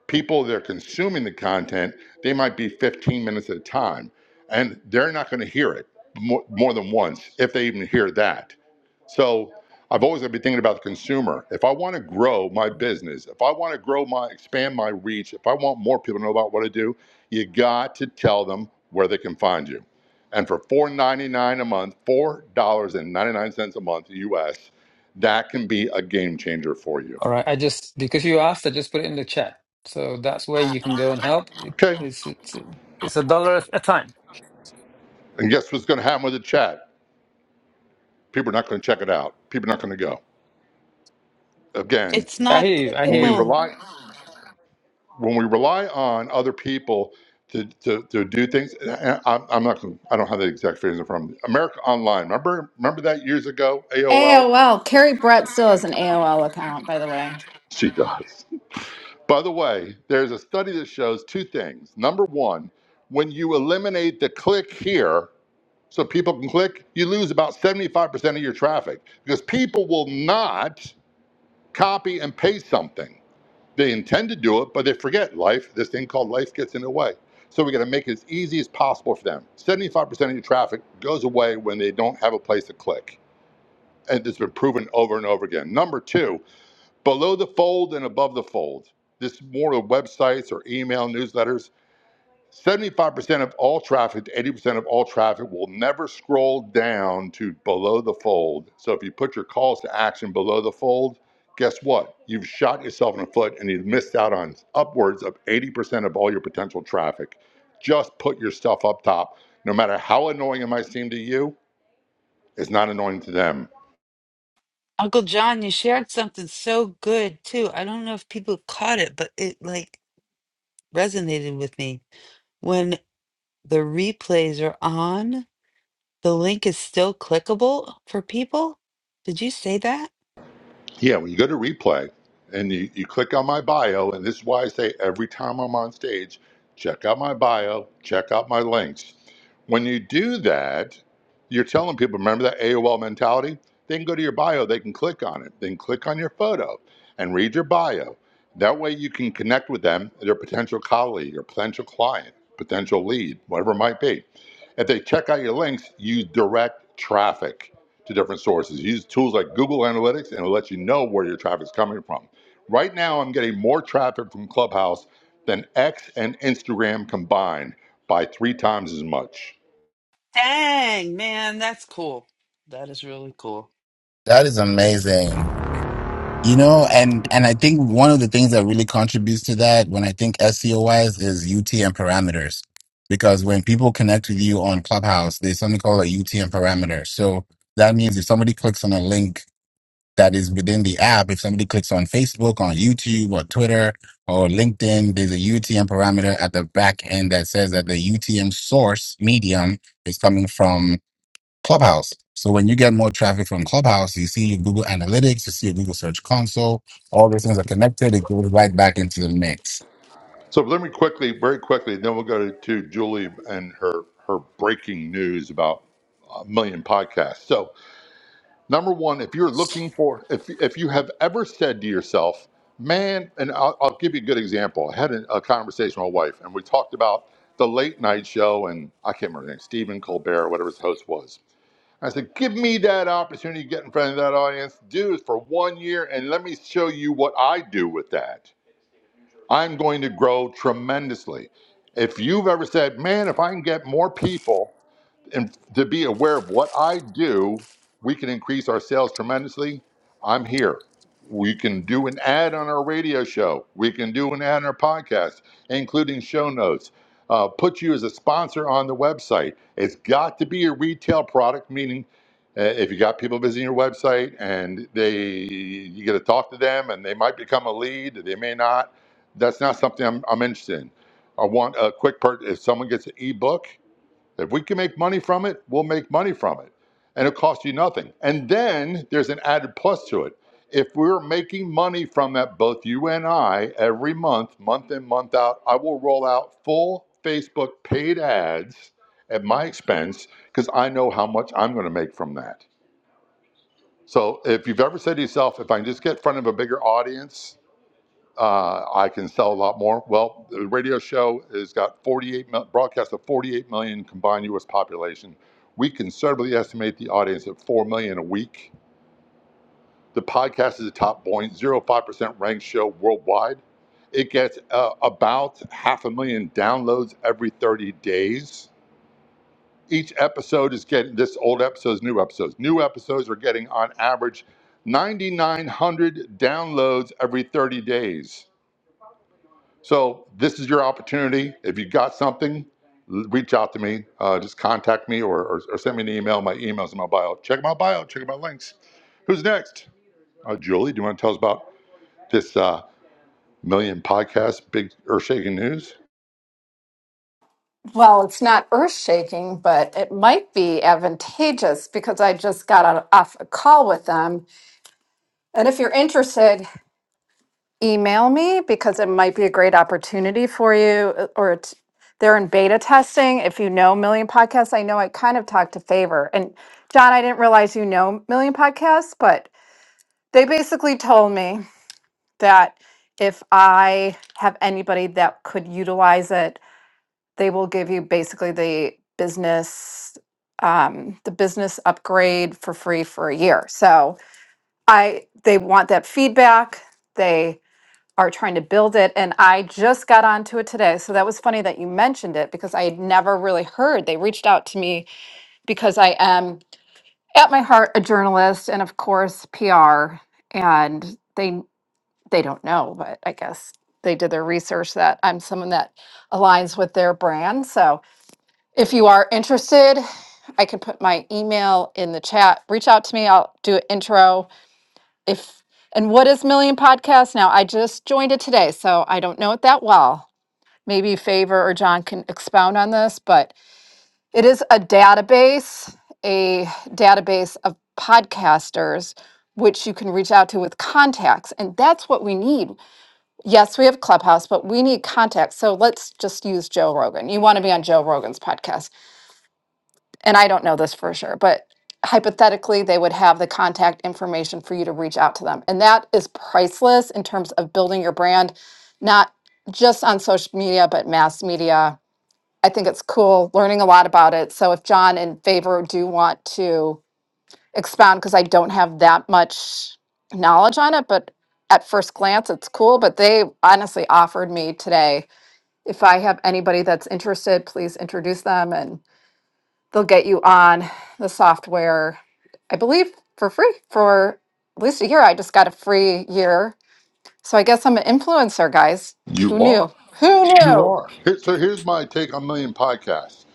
Speaker 1: people that are consuming the content, they might be 15 minutes at a time and they're not going to hear it more, more than once if they even hear that. So I've always got to be thinking about the consumer. If I want to grow my business, if I want to grow my expand my reach, if I want more people to know about what I do, you got to tell them where they can find you. And for four ninety nine a month, four dollars and ninety-nine cents a month US, that can be a game changer for you.
Speaker 4: All right, I just because you asked, I just put it in the chat. So that's where you can go and help. It-
Speaker 1: Okay.
Speaker 4: It's it's it's a dollar a time.
Speaker 1: And guess what's going to happen with the chat? People are not going to check it out. People are not going to go. Again,
Speaker 3: It's
Speaker 4: I
Speaker 3: not
Speaker 4: hear you. I
Speaker 1: when
Speaker 4: hear
Speaker 1: we
Speaker 4: you.
Speaker 3: clickable.
Speaker 1: rely when we rely on other people to, to, to do things, and I, I'm not going to, I don't have the exact phrase in front of me. America Online. Remember, remember that years ago, AOL?
Speaker 2: AOL. Carrie Brett still has an AOL account, by the way.
Speaker 1: She does. By the way, there's a study that shows two things. Number one, when you eliminate the click here, so people can click, you lose about 75% of your traffic because people will not copy and paste something. They intend to do it, but they forget life. This thing called life gets in the way. So we got to make it as easy as possible for them. 75% of your traffic goes away when they don't have a place to click. And it's been proven over and over again. Number two, below the fold and above the fold. This is more of websites or email newsletters 75% of all traffic to 80% of all traffic will never scroll down to below the fold. So if you put your calls to action below the fold, guess what? You've shot yourself in the foot and you've missed out on upwards of 80% of all your potential traffic. Just put your stuff up top. No matter how annoying it might seem to you, it's not annoying to them.
Speaker 3: Uncle John, you shared something so good too. I don't know if people caught it, but it like resonated with me. When the replays are on, the link is still clickable for people. Did you say that?
Speaker 1: Yeah, when you go to replay and you, you click on my bio, and this is why I say every time I'm on stage, check out my bio, check out my links. When you do that, you're telling people, remember that AOL mentality? They can go to your bio, they can click on it, then click on your photo and read your bio. That way you can connect with them, their potential colleague or potential client, potential lead, whatever it might be. If they check out your links, you direct traffic to different sources. Use tools like Google Analytics and it'll let you know where your traffic's coming from. Right now, I'm getting more traffic from Clubhouse than X and Instagram combined by three times as much.
Speaker 3: Dang, man, that's cool. That is really cool.
Speaker 7: That is amazing. You know, and and I think one of the things that really contributes to that when I think SEO wise is UTM parameters. Because when people connect with you on Clubhouse, there's something called a UTM parameter. So that means if somebody clicks on a link that is within the app, if somebody clicks on Facebook, on YouTube, or Twitter, or LinkedIn, there's a UTM parameter at the back end that says that the UTM source medium is coming from Clubhouse. So when you get more traffic from Clubhouse, you see your Google Analytics, you see your Google Search Console, all those things are connected. It goes right back into the mix.
Speaker 1: So let me quickly, very quickly, then we'll go to Julie and her her breaking news about a million podcasts. So Number one, if you're looking for, if, if you have ever said to yourself, man, and I'll, I'll give you a good example. I had a, a conversation with my wife, and we talked about the late night show, and I can't remember his name, Stephen Colbert, or whatever his host was. I said, give me that opportunity to get in front of that audience, do it for one year, and let me show you what I do with that. I'm going to grow tremendously. If you've ever said, man, if I can get more people and to be aware of what I do, we can increase our sales tremendously. I'm here. We can do an ad on our radio show. We can do an ad on our podcast, including show notes. Uh, put you as a sponsor on the website. It's got to be a retail product, meaning uh, if you got people visiting your website and they you get to talk to them and they might become a lead, they may not. That's not something I'm, I'm interested in. I want a quick part. If someone gets an ebook, if we can make money from it, we'll make money from it. And it'll cost you nothing. And then there's an added plus to it. If we're making money from that, both you and I, every month, month in, month out, I will roll out full Facebook paid ads at my expense because I know how much I'm going to make from that. So if you've ever said to yourself, if I can just get in front of a bigger audience, uh, I can sell a lot more. Well, the radio show has got 48 mil- broadcast of 48 million combined U.S. population. We conservatively estimate the audience at 4 million a week. The podcast is a top 0.05% ranked show worldwide. It gets uh, about half a million downloads every 30 days. Each episode is getting this old episodes, new episodes. New episodes are getting on average 9,900 downloads every 30 days So this is your opportunity. If you got something, reach out to me. Uh, just contact me or, or, or send me an email. My email's in my bio. Check my bio. Check my links. Who's next? Uh, Julie, do you want to tell us about this uh, million podcast, big earth shaking news?
Speaker 2: Well, it's not earth shaking, but it might be advantageous because I just got on, off a call with them. And if you're interested, email me because it might be a great opportunity for you. uh, Or it's, they're in beta testing. If you know Million Podcasts, I know I kind of talked to Favor. And John, I didn't realize you know Million Podcasts, but they basically told me that if I have anybody that could utilize it, they will give you basically the business um, the business upgrade for free for a year so i they want that feedback they are trying to build it and i just got onto it today so that was funny that you mentioned it because i had never really heard they reached out to me because i am at my heart a journalist and of course pr and they they don't know but i guess they did their research that i'm someone that aligns with their brand so if you are interested, I can put my email in the chat. Reach out to me. I'll do an intro. If and what is Million Podcast now? I just joined it today, so I don't know it that well. Maybe Favor or John can expound on this, but it is a database, a database of podcasters which you can reach out to with contacts. And that's what we need. Yes, we have Clubhouse, but we need contacts. So let's just use Joe Rogan. You want to be on Joe Rogan's podcast and I don't know this for sure, but hypothetically, they would have the contact information for you to reach out to them. And that is priceless in terms of building your brand, not just on social media, but mass media. I think it's cool learning a lot about it. So if John and Favor do want to expound, because I don't have that much knowledge on it, but at first glance, it's cool. But they honestly offered me today if I have anybody that's interested, please introduce them. And they'll get you on the software, I believe, for free for at least a year. I just got a free year. So I guess I'm an influencer, guys. Who
Speaker 1: You are.
Speaker 2: knew? Who
Speaker 1: You
Speaker 2: knew?
Speaker 1: are. Here- So here's my take on Million Podcasts.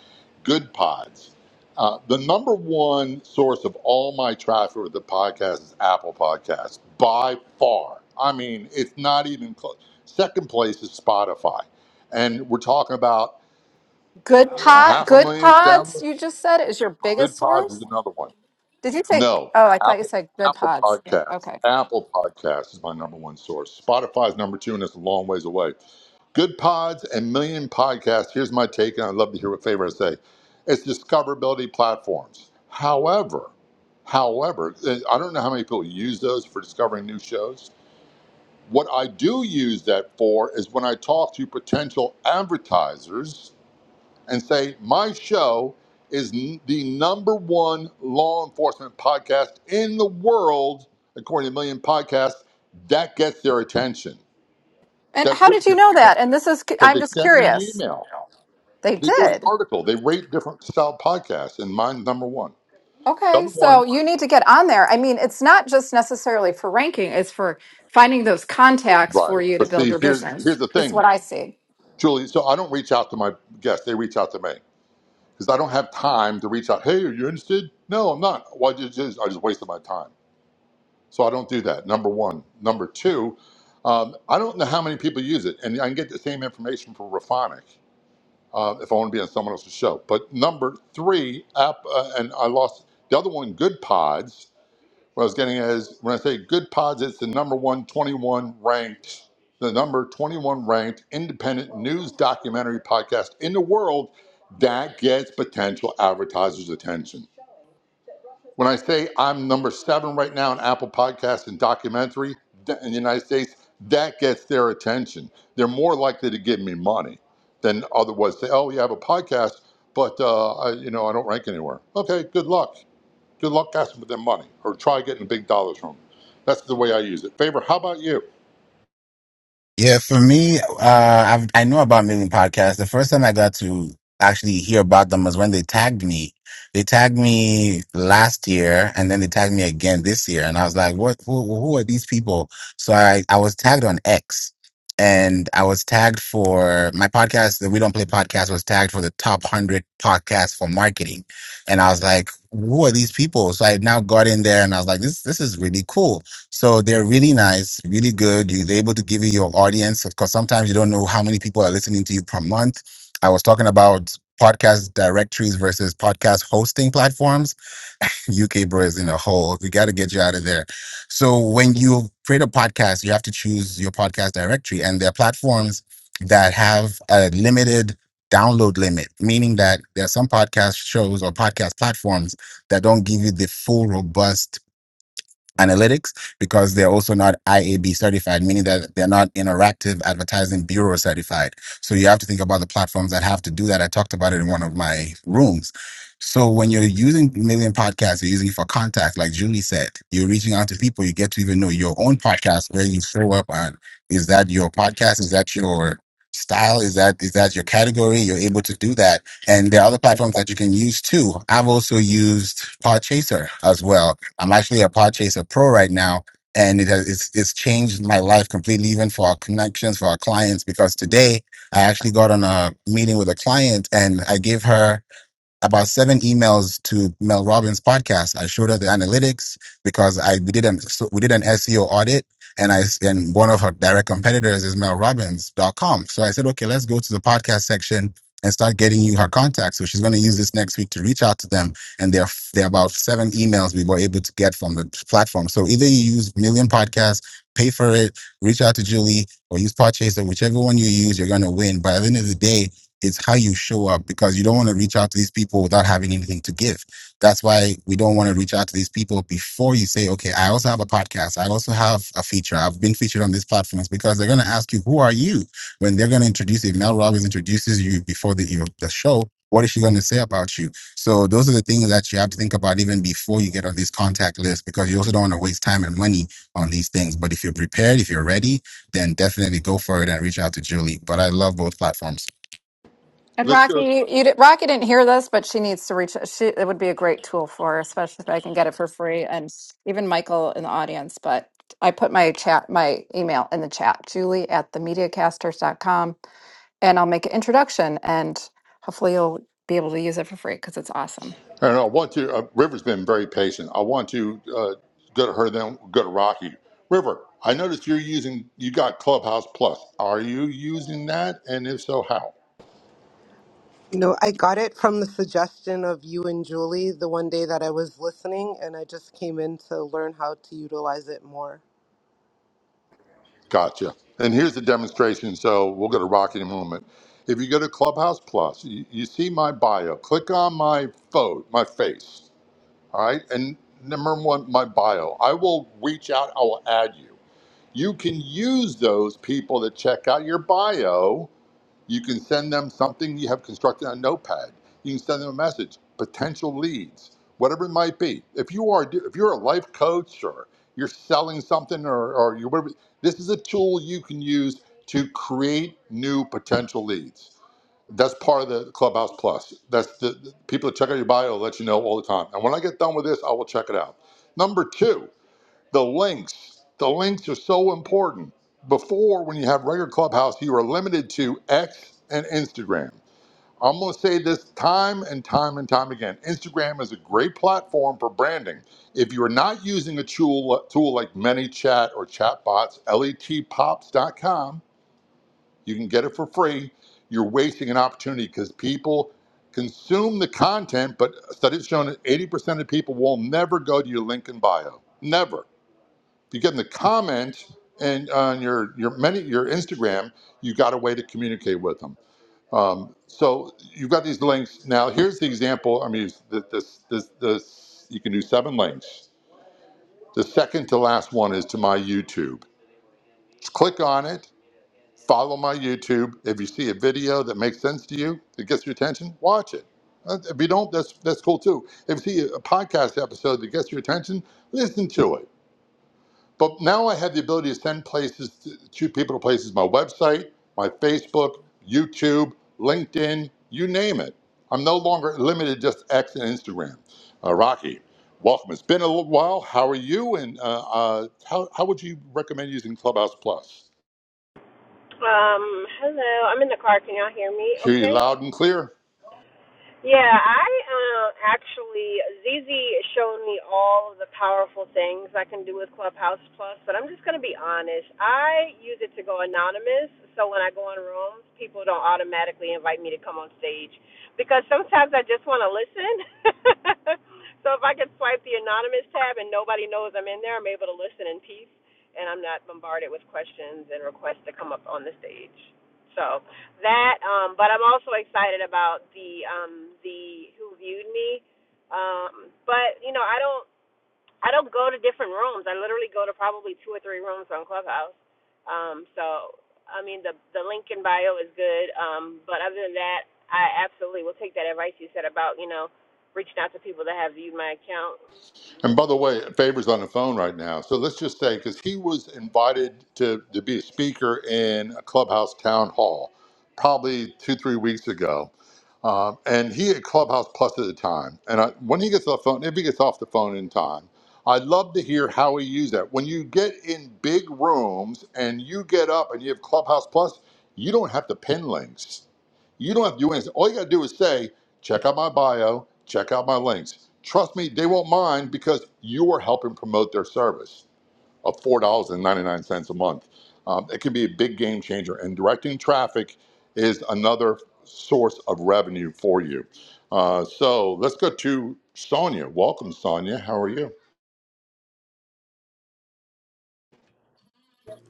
Speaker 1: Good Pods. Uh, the number one source of all my traffic with the podcast is Apple Podcasts by far. I mean, it's not even close. Second place is Spotify. And we're talking about
Speaker 2: Good
Speaker 1: a
Speaker 2: pod,
Speaker 1: half a
Speaker 2: good
Speaker 1: million
Speaker 2: pods,
Speaker 1: downloads.
Speaker 2: you just said is your
Speaker 1: Good
Speaker 2: biggest
Speaker 1: Pods
Speaker 2: source.
Speaker 1: is another one.
Speaker 2: Did you say,
Speaker 1: No,
Speaker 2: oh, I thought you
Speaker 1: Apple
Speaker 2: said good
Speaker 1: Apple
Speaker 2: pods.
Speaker 1: Podcasts.
Speaker 2: Okay.
Speaker 1: Apple Podcasts is my number one source. Spotify's number two, and it's a long ways away. Good pods and million podcasts. Here's my take, and I'd love to hear what favorites say. It's discoverability platforms. However, however, eh, I don't know how many people use those for discovering new shows. What I do use that for is when I talk to potential advertisers and say, my show is n- the number one law enforcement podcast in the world, according to Million Podcasts, that gets their attention.
Speaker 2: And
Speaker 1: That
Speaker 2: how
Speaker 1: really
Speaker 2: did you
Speaker 1: gets
Speaker 2: know
Speaker 1: their
Speaker 2: that?
Speaker 1: attention
Speaker 2: And this is,
Speaker 1: because
Speaker 2: I'm
Speaker 1: they
Speaker 2: just
Speaker 1: sent me an
Speaker 2: curious.
Speaker 1: email.
Speaker 2: They
Speaker 1: They do an
Speaker 2: did.
Speaker 1: article. They rate different style podcasts, and mine's number one. The
Speaker 2: Okay,
Speaker 1: other
Speaker 2: so
Speaker 1: one,
Speaker 2: you need to get on there. I mean, it's not just necessarily for ranking, it's for finding those contacts
Speaker 1: right?
Speaker 2: for you to
Speaker 1: But
Speaker 2: build
Speaker 1: see,
Speaker 2: your
Speaker 1: here's
Speaker 2: business.
Speaker 1: here's the
Speaker 2: Is what
Speaker 1: thing,
Speaker 2: I see.
Speaker 1: Julie. So I don't reach out to my guests; they reach out to me because I don't have time to reach out. Hey, are you interested? No, I'm not. Well, I just just- I just wasted my time, so I don't do that. Number one. Number two, um, I don't know how many people use it, and I can get the same information from Refonic uh, if I want to be on someone else's show. But number three, app, uh, and I lost the other one. Good Pods What I was getting at is when I say Good Pods, it's the number one, 21 ranked, the number 21 ranked independent news documentary podcast in the world that gets potential advertisers' attention. When I say I'm number seven right now in Apple Podcasts and documentary th- in the United States, that gets their attention. They're more likely to give me money than otherwise say, oh, you have a podcast, but uh, I, you know I don't rank anywhere. Okay, good luck. Good luck asking for their money or try getting big dollars from them. That's the way I use it. Favor, how about you?
Speaker 7: Yeah, for me, uh, I've, I know about Million Podcasts. The first time I got to actually hear about them was when they tagged me. They tagged me last year, and then they tagged me again this year, and I was like, "What? Who, who are these people?" So I, I was tagged on X, and I was tagged for my podcast. The We Don't Play podcast was tagged for the top hundred podcasts for marketing, and I was like, "Who are these people?" So I had now got in there, and I was like, "This, this is really cool." So they're really nice, really good. You're able to give you your audience because sometimes you don't know how many people are listening to you per month. I was talking about podcast directories versus podcast hosting platforms. [LAUGHS] UK bro is in a hole. We got to get you out of there. So when you create a podcast, you have to choose your podcast directory and there are platforms that have a limited download limit, meaning that there are some podcast shows or podcast platforms that don't give you the full robust analytics because they're also not IAB certified, meaning that they're not interactive advertising bureau certified. So you have to think about the platforms that have to do that. I talked about it in one of my rooms. So when you're using Million Podcasts, you're using it for contact, like Julie said, you're reaching out to people. You get to even know your own podcast where you show up on. Is that your podcast? Is that your style? Is that is that your category? You're able to do that, and there are other platforms that you can use too. I've also used Pod Chaser as well. I'm actually a Pod Chaser Pro right now, and it has it's, it's changed my life completely, even for our connections, for our clients. Because today I actually got on a meeting with a client, and I gave her about seven emails to Mel Robbins' podcast. I showed her the analytics because I we did an so we did an SEO audit, and I and one of her direct competitors is mel robbins dot com. So I said, okay, let's go to the podcast section and start getting you her contacts. So she's going to use this next week to reach out to them. And there are there are about seven emails we were able to get from the platform. So either you use Million Podcast, pay for it, reach out to Julie, or use Podchaser, whichever one you use, you're going to win. By the end of the day it's how you show up because you don't want to reach out to these people without having anything to give. That's why we don't want to reach out to these people before you say, okay, I also have a podcast. I also have a feature. I've been featured on these platforms because they're going to ask you, who are you? When they're going to introduce you, if Mel Robbins introduces you before the, your, the show, what is she going to say about you? So those are the things that you have to think about even before you get on these contact lists because you also don't want to waste time and money on these things. But if you're prepared, if you're ready, then definitely go for it and reach out to Julie. But I love both platforms.
Speaker 2: And
Speaker 1: Let's
Speaker 2: Rocky,
Speaker 1: go.
Speaker 2: you, you di- Rocky didn't hear this, but she needs to reach. She it would be a great tool for, her, especially if I can get it for free, and even Michael in the audience. But I put my chat, my email in the chat, Julie at the com, and I'll make an introduction, and hopefully you'll be able to use it for free because it's awesome.
Speaker 1: And I want to. uh, River's been very patient. I want to uh, go to her, then go to Rocky. River, I noticed you're using, you got Clubhouse Plus. Are you using that? And if so, how?
Speaker 8: You know, I got it from the suggestion of you and Julie the one day that I was listening, and I just came in to learn how to utilize it more.
Speaker 1: Gotcha. And here's the demonstration. So we'll go to Rocky in a moment. If you go to Clubhouse Plus, you, you see my bio. Click on my photo, my face. All right. And number one, my bio. I will reach out, I will add you. You can use those people that check out your bio. You can send them something you have constructed on Notepad. You can send them a message, potential leads, whatever it might be. If you are if you're a life coach or you're selling something or, or you whatever, this is a tool you can use to create new potential leads that's part of the Clubhouse Plus. That's the, the people that check out your bio will let you know all the time. And when I get done with this, I will check it out. Number two, the links. The links are so important. Before, when you have regular Clubhouse, you are limited to X and Instagram. I'm going to say this time and time and time again. Instagram is a great platform for branding. If you are not using a tool, tool like ManyChat or ChatBots, letpops.com, you can get it for free. You're wasting an opportunity because people consume the content, but studies shown that 80% of people will never go to your link in bio. Never. If you get in the comment and on your your many your Instagram, you got a way to communicate with them. Um, so you've got these links. Now here's the example. I mean, this this this, this you can do seven links. The second to last one is to my YouTube. Just click on it Follow my YouTube. If you see a video that makes sense to you, that gets your attention, watch it. Uh, If you don't, that's that's cool too. If you see a podcast episode that gets your attention, listen to it. But now I have the ability to send places to, to people to places. My website, my Facebook, YouTube, LinkedIn, you name it. I'm no longer limited to just X and Instagram. Uh, Rocky, welcome. It's been a little while. How are you? And uh, uh, how, how would you recommend using Clubhouse Plus?
Speaker 9: Um, hello. I'm in the car. Can y'all hear me?
Speaker 1: Hear you
Speaker 9: Okay.
Speaker 1: loud and clear.
Speaker 9: Yeah, I uh, actually Zizi showed me all of the powerful things I can do with Clubhouse Plus, but I'm just gonna be honest. I use it to go anonymous, so when I go on rooms, people don't automatically invite me to come on stage because sometimes I just want to listen. [LAUGHS] so if I can swipe the anonymous tab and nobody knows I'm in there, I'm able to listen in peace, and I'm not bombarded with questions and requests to come up on the stage. So that um but i'm also excited about the um the who viewed me um but you know i don't i don't go to different rooms i literally go to probably two or three rooms on clubhouse um so i mean the the link in bio is good um but other than that i absolutely will take that advice you said about you know reaching out to people that have viewed my account
Speaker 1: And by the way, Faber's on the phone right now. So let's just say, because he was invited to, to be a speaker in a clubhouse town hall probably two, three weeks ago. Um, and he had Clubhouse Plus at the time. And I, when he gets off the phone, if he gets off the phone in time, I'd love to hear how he used that. When you get in big rooms and you get up and you have Clubhouse Plus, you don't have to pin links. You don't have to do anything. All you got to do is say, Check out my bio, check out my links. Trust me, they won't mind because you are helping promote their service of $4.99 a month. Um, it can be a big game changer, and directing traffic is another source of revenue for you. Uh, so let's go to Sonia. Welcome, Sonia. How are you?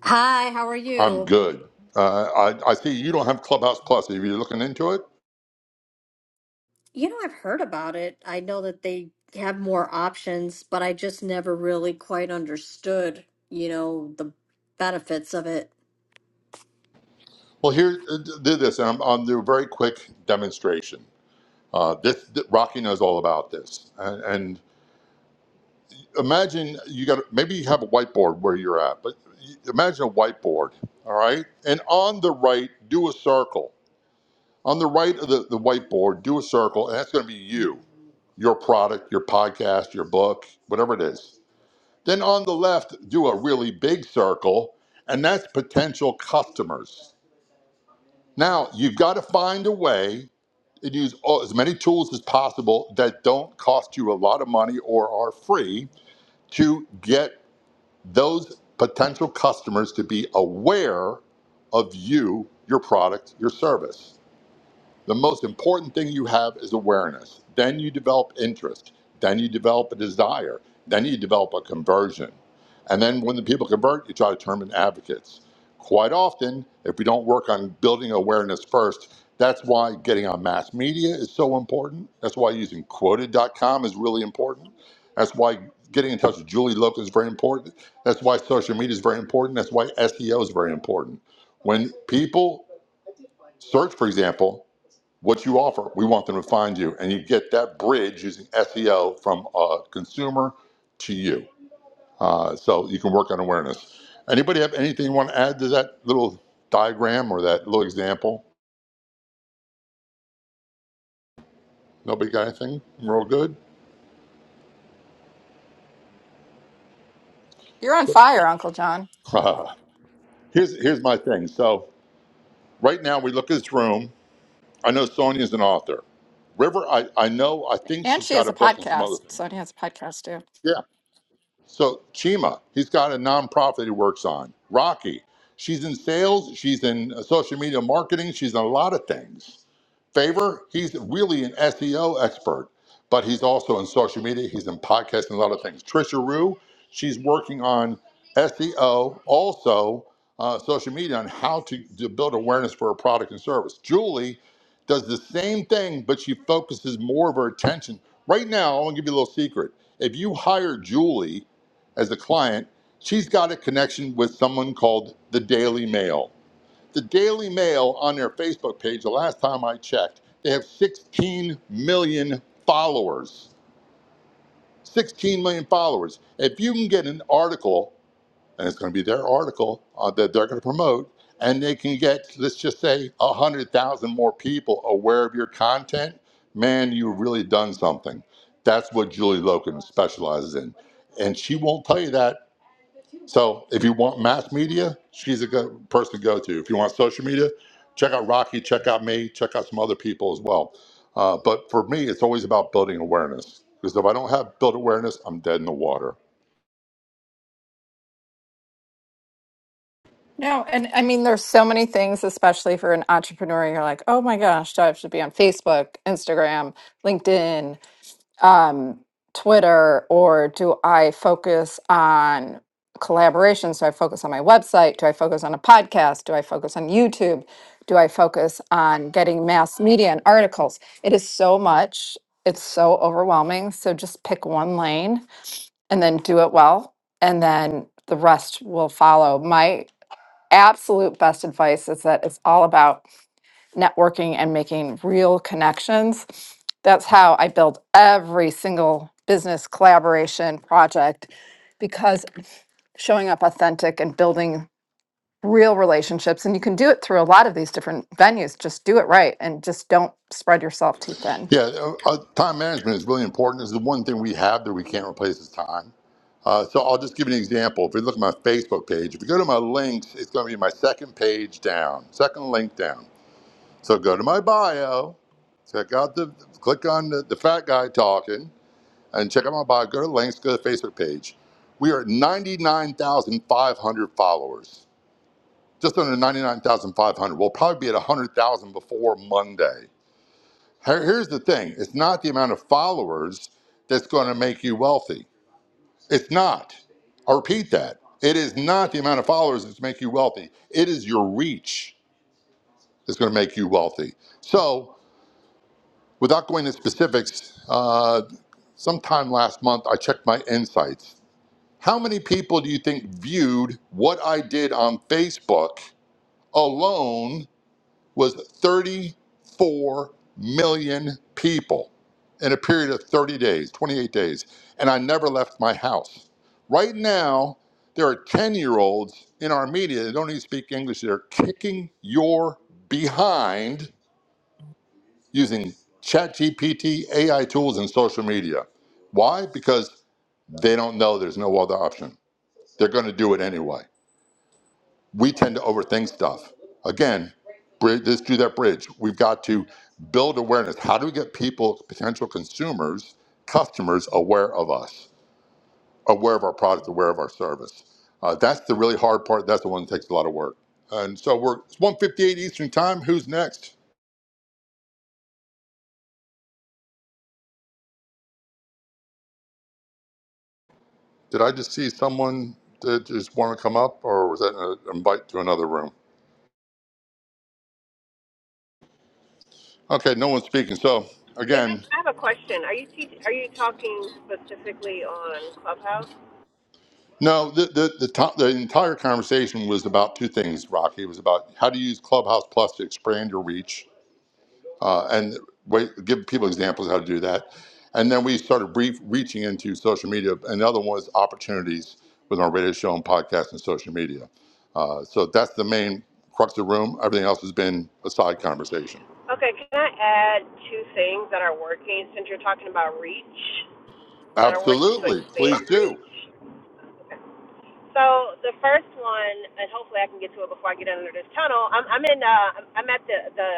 Speaker 10: Hi, how are
Speaker 1: I'm
Speaker 10: you?
Speaker 1: good. Uh, I, I see you don't have Clubhouse Plus. Are you looking into it?
Speaker 10: You know, I've heard about it. I know that they have more options, but I just never really quite understood, you know, the benefits of it.
Speaker 1: Well, here, uh, do this, and I'm, I'll do a very quick demonstration. Uh, this, th- Rocky knows all about this. And, and imagine you got maybe you have a whiteboard where you're at, but imagine a whiteboard, all right? And on the right, do a circle. On the right of the, the whiteboard, do a circle, and that's going to be you, your product, your podcast, your book, whatever it is. Then on the left, do a really big circle, and that's potential customers. Now, you've got to find a way and use all, as many tools as possible that don't cost you a lot of money or are free to get those potential customers to be aware of you, your product, your service. The most important thing you have is awareness. Then you develop interest. Then you develop a desire. Then you develop a conversion. And then when the people convert, you try to turn them into advocates. Quite often, if we don't work on building awareness first, that's why getting on mass media is so important. That's why using Quoted dot com is really important. That's why getting in touch with Julie Lopez is very important. That's why social media is very important. That's why SEO is very important. When people search, for example, what you offer. We want them to find you, and you get that bridge using SEO from a consumer to you. Uh, so you can work on awareness. Anybody have anything you want to add to that little diagram or that little example? Nobody got anything? We're all good.
Speaker 2: You're on fire, Uncle John.
Speaker 1: Uh, [LAUGHS] here's here's my thing. So right now we look at this room. I know Sonia's an author. River, I, I know I think
Speaker 2: And
Speaker 1: she's
Speaker 2: she has
Speaker 1: got a
Speaker 2: a
Speaker 1: book and some other
Speaker 2: podcast.
Speaker 1: things.
Speaker 2: Sonia has a podcast too.
Speaker 1: Yeah. So Chima, he's got a nonprofit he works on. Rocky, she's in sales, she's in uh, social media marketing, she's in a lot of things. Favor, he's really an SEO expert, but he's also in social media, he's in podcasting, a lot of things. Trisha Rue, she's working on SEO, also uh, social media on how to, to build awareness for a product and service. Julie does the same thing, but she focuses more of her attention. Right now, I want to give you a little secret. If you hire Julie, as a client, she's got a connection with someone called the Daily Mail. The Daily Mail on their Facebook page, the last time I checked, they have 16 million followers. 16 million followers. If you can get an article, and it's going to be their article uh, that they're going to promote, and they can get, let's just say, 100,000 more people aware of your content, man, you've really done something. That's what Julie Loken specializes in. And she won't tell you that so if you want mass media, she's a good person to go to. If you want social media, check out Rocky, check out me, check out some other people as well. Uh, but for me, it's always about building awareness because if I don't have build awareness, I'm dead in the water.
Speaker 2: No, and I mean, there's so many things, especially for an entrepreneur. You're like, oh my gosh, do I have to be on Facebook, Instagram, LinkedIn, um, Twitter, or do I focus on collaborations? Do I focus on my website? Do I focus on a podcast? Do I focus on YouTube? Do I focus on getting mass media and articles? It is so much. It's so overwhelming. So just pick one lane and then do it well and then the rest will follow my absolute best advice is that it's all about networking and making real connections that's how i build every single business collaboration project because showing up authentic and building real relationships and you can do it through a lot of these different venues just do it right and just don't spread yourself too thin
Speaker 1: Yeah, uh, uh, time management is really important. It's the one thing we have that we can't replace is time. Uh, so I'll just give you an example. If you look at my Facebook page, if you go to my links, it's going to be my second page down, second link down. So go to my bio, check out the, click on the, the fat guy talking and check them out by go to links, go to the Facebook page. We are at 99,500 followers, just under 99,500. We'll probably be at 100,000 before Monday. Here- Here's the thing it's not the amount of followers that's going to make you wealthy. It's not. I repeat that. It is not the amount of followers that's make you wealthy. It is your reach that's going to make you wealthy. So, without going into specifics, uh, sometime last month, I checked my insights How many people do you think viewed what I did on Facebook alone was 34 million people in a period of 30 days, 28 days, and I never left my house. Right now, there are 10 year olds in our media that don't even speak English. They're kicking your behind using ChatGPT, AI tools, and social media. Why? Because they don't know there's no other option. They're going to do it anyway. we tend to overthink stuff. Again, bri- let's do that bridge. We've got to build awareness. How do we get people, potential consumers, customers, aware of us, aware of our product, aware of our service? Uh, that's the really hard part. That's the one that takes a lot of work. And so we're it's 158 Eastern Time. Who's next? Did I just see someone that just want to come up, or was that an invite to another room? Okay, no one's speaking. So
Speaker 9: is it
Speaker 1: again.
Speaker 9: i have a question are you teach are you talking specifically on clubhouse
Speaker 1: No, the the the, to- the entire conversation was about two things, Rocky. It was about how to use Clubhouse Plus to expand your reach, uh, and wait, give people examples how to do that. And then we started brief, reaching into social media. Another one was opportunities with our radio show and podcast and social media. Uh, so that's the main crux of the room. Everything else has been a side conversation.
Speaker 9: Okay, can I add two things that are working since you're talking about reach that are working to
Speaker 1: Absolutely, please
Speaker 9: expand
Speaker 1: do.
Speaker 9: reach? So the first one, and hopefully I can get to it before I get under this tunnel. I'm I'm in uh I'm I'm at the the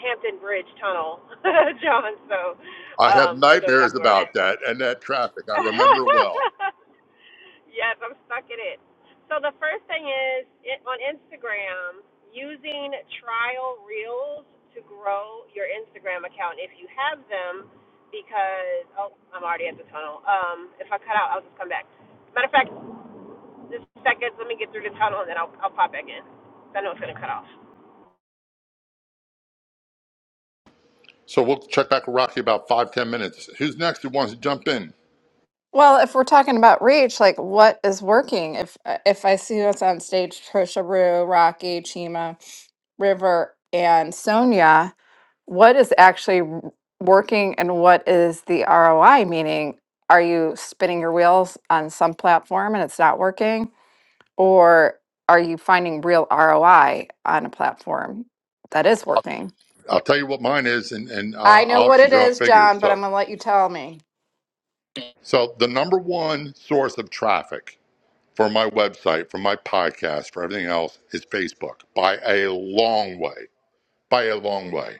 Speaker 9: Hampton Bridge Tunnel, [LAUGHS] John. So
Speaker 1: I have
Speaker 9: um you know
Speaker 1: nightmares
Speaker 9: exactly where I'm at.
Speaker 1: about that and that traffic. I remember it well.
Speaker 9: [LAUGHS] yes, I'm stuck in it. So the first thing is it, on Instagram, using trial reels to grow your Instagram account if you have them, because oh, I'm already at the tunnel. Um, if I cut out, I'll just come back. Matter of fact, just seconds. Let me get through the tunnel and then I'll I'll pop back in. I know it's gonna cut off.
Speaker 1: So we'll check back with Rocky about five, ten minutes. Who's next who wants to jump in?
Speaker 2: Well, if we're talking about reach, like what is working? If uh, if I see what's on stage, Trisha Rue, Rocky, Chima, River, and Sonia, what is actually w- working and what is the ROI? Meaning, are you spinning your wheels on some platform and it's not working? Or are you finding real ROI on a platform that is working?
Speaker 1: I'll tell you what mine is, and, and
Speaker 2: I
Speaker 1: uh,
Speaker 2: know what
Speaker 1: Alex, you
Speaker 2: it
Speaker 1: throw out
Speaker 2: is,
Speaker 1: figures.
Speaker 2: John, but I'm
Speaker 1: So,
Speaker 2: gonna let you tell me.
Speaker 1: so the number one source of traffic for my website, for my podcast, for everything else is Facebook by a long way, by a long way.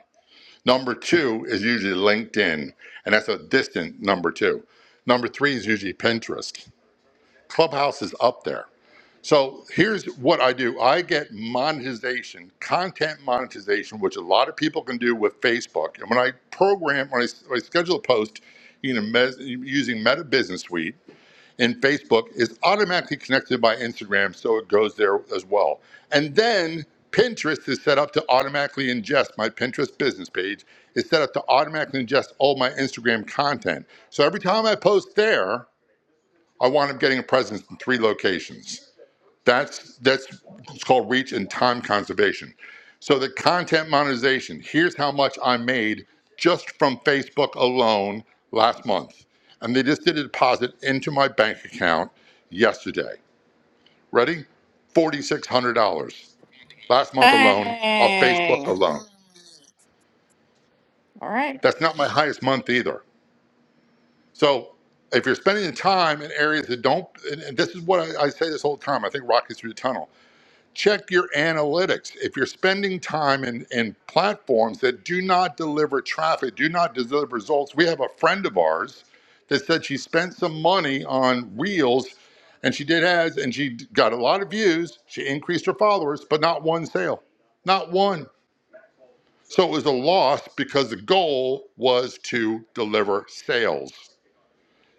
Speaker 1: Number two is usually LinkedIn, and that's a distant number two. Number three is usually Pinterest. Clubhouse is up there. So here's what I do. I get monetization, content monetization, which a lot of people can do with Facebook. And when I program, when I, when I schedule a post you know, mes, using Meta Business Suite in Facebook, it's automatically connected to my Instagram, so it goes there as well. And then Pinterest is set up to automatically ingest my Pinterest business page. It's set up to automatically ingest all my Instagram content. So every time I post there, I wind up getting a presence in three locations. That's that's it's called reach and time conservation. So the content monetization, here's how much I made just from Facebook alone last month. And they just did a deposit into my bank account yesterday. Ready? $4600 last month alone off Facebook
Speaker 2: Dang.
Speaker 1: alone.
Speaker 2: All right.
Speaker 1: That's not my highest month either. So if you're spending the time in areas that don't, and and this is what I, I say this whole time, I think Rocky's through the tunnel check your analytics. If you're spending time in, in platforms that do not deliver traffic, do not deliver results, we have a friend of ours that said she spent some money on Reels and she did ads and she got a lot of views. She increased her followers, but not one sale, not one. So it was a loss because the goal was to deliver sales.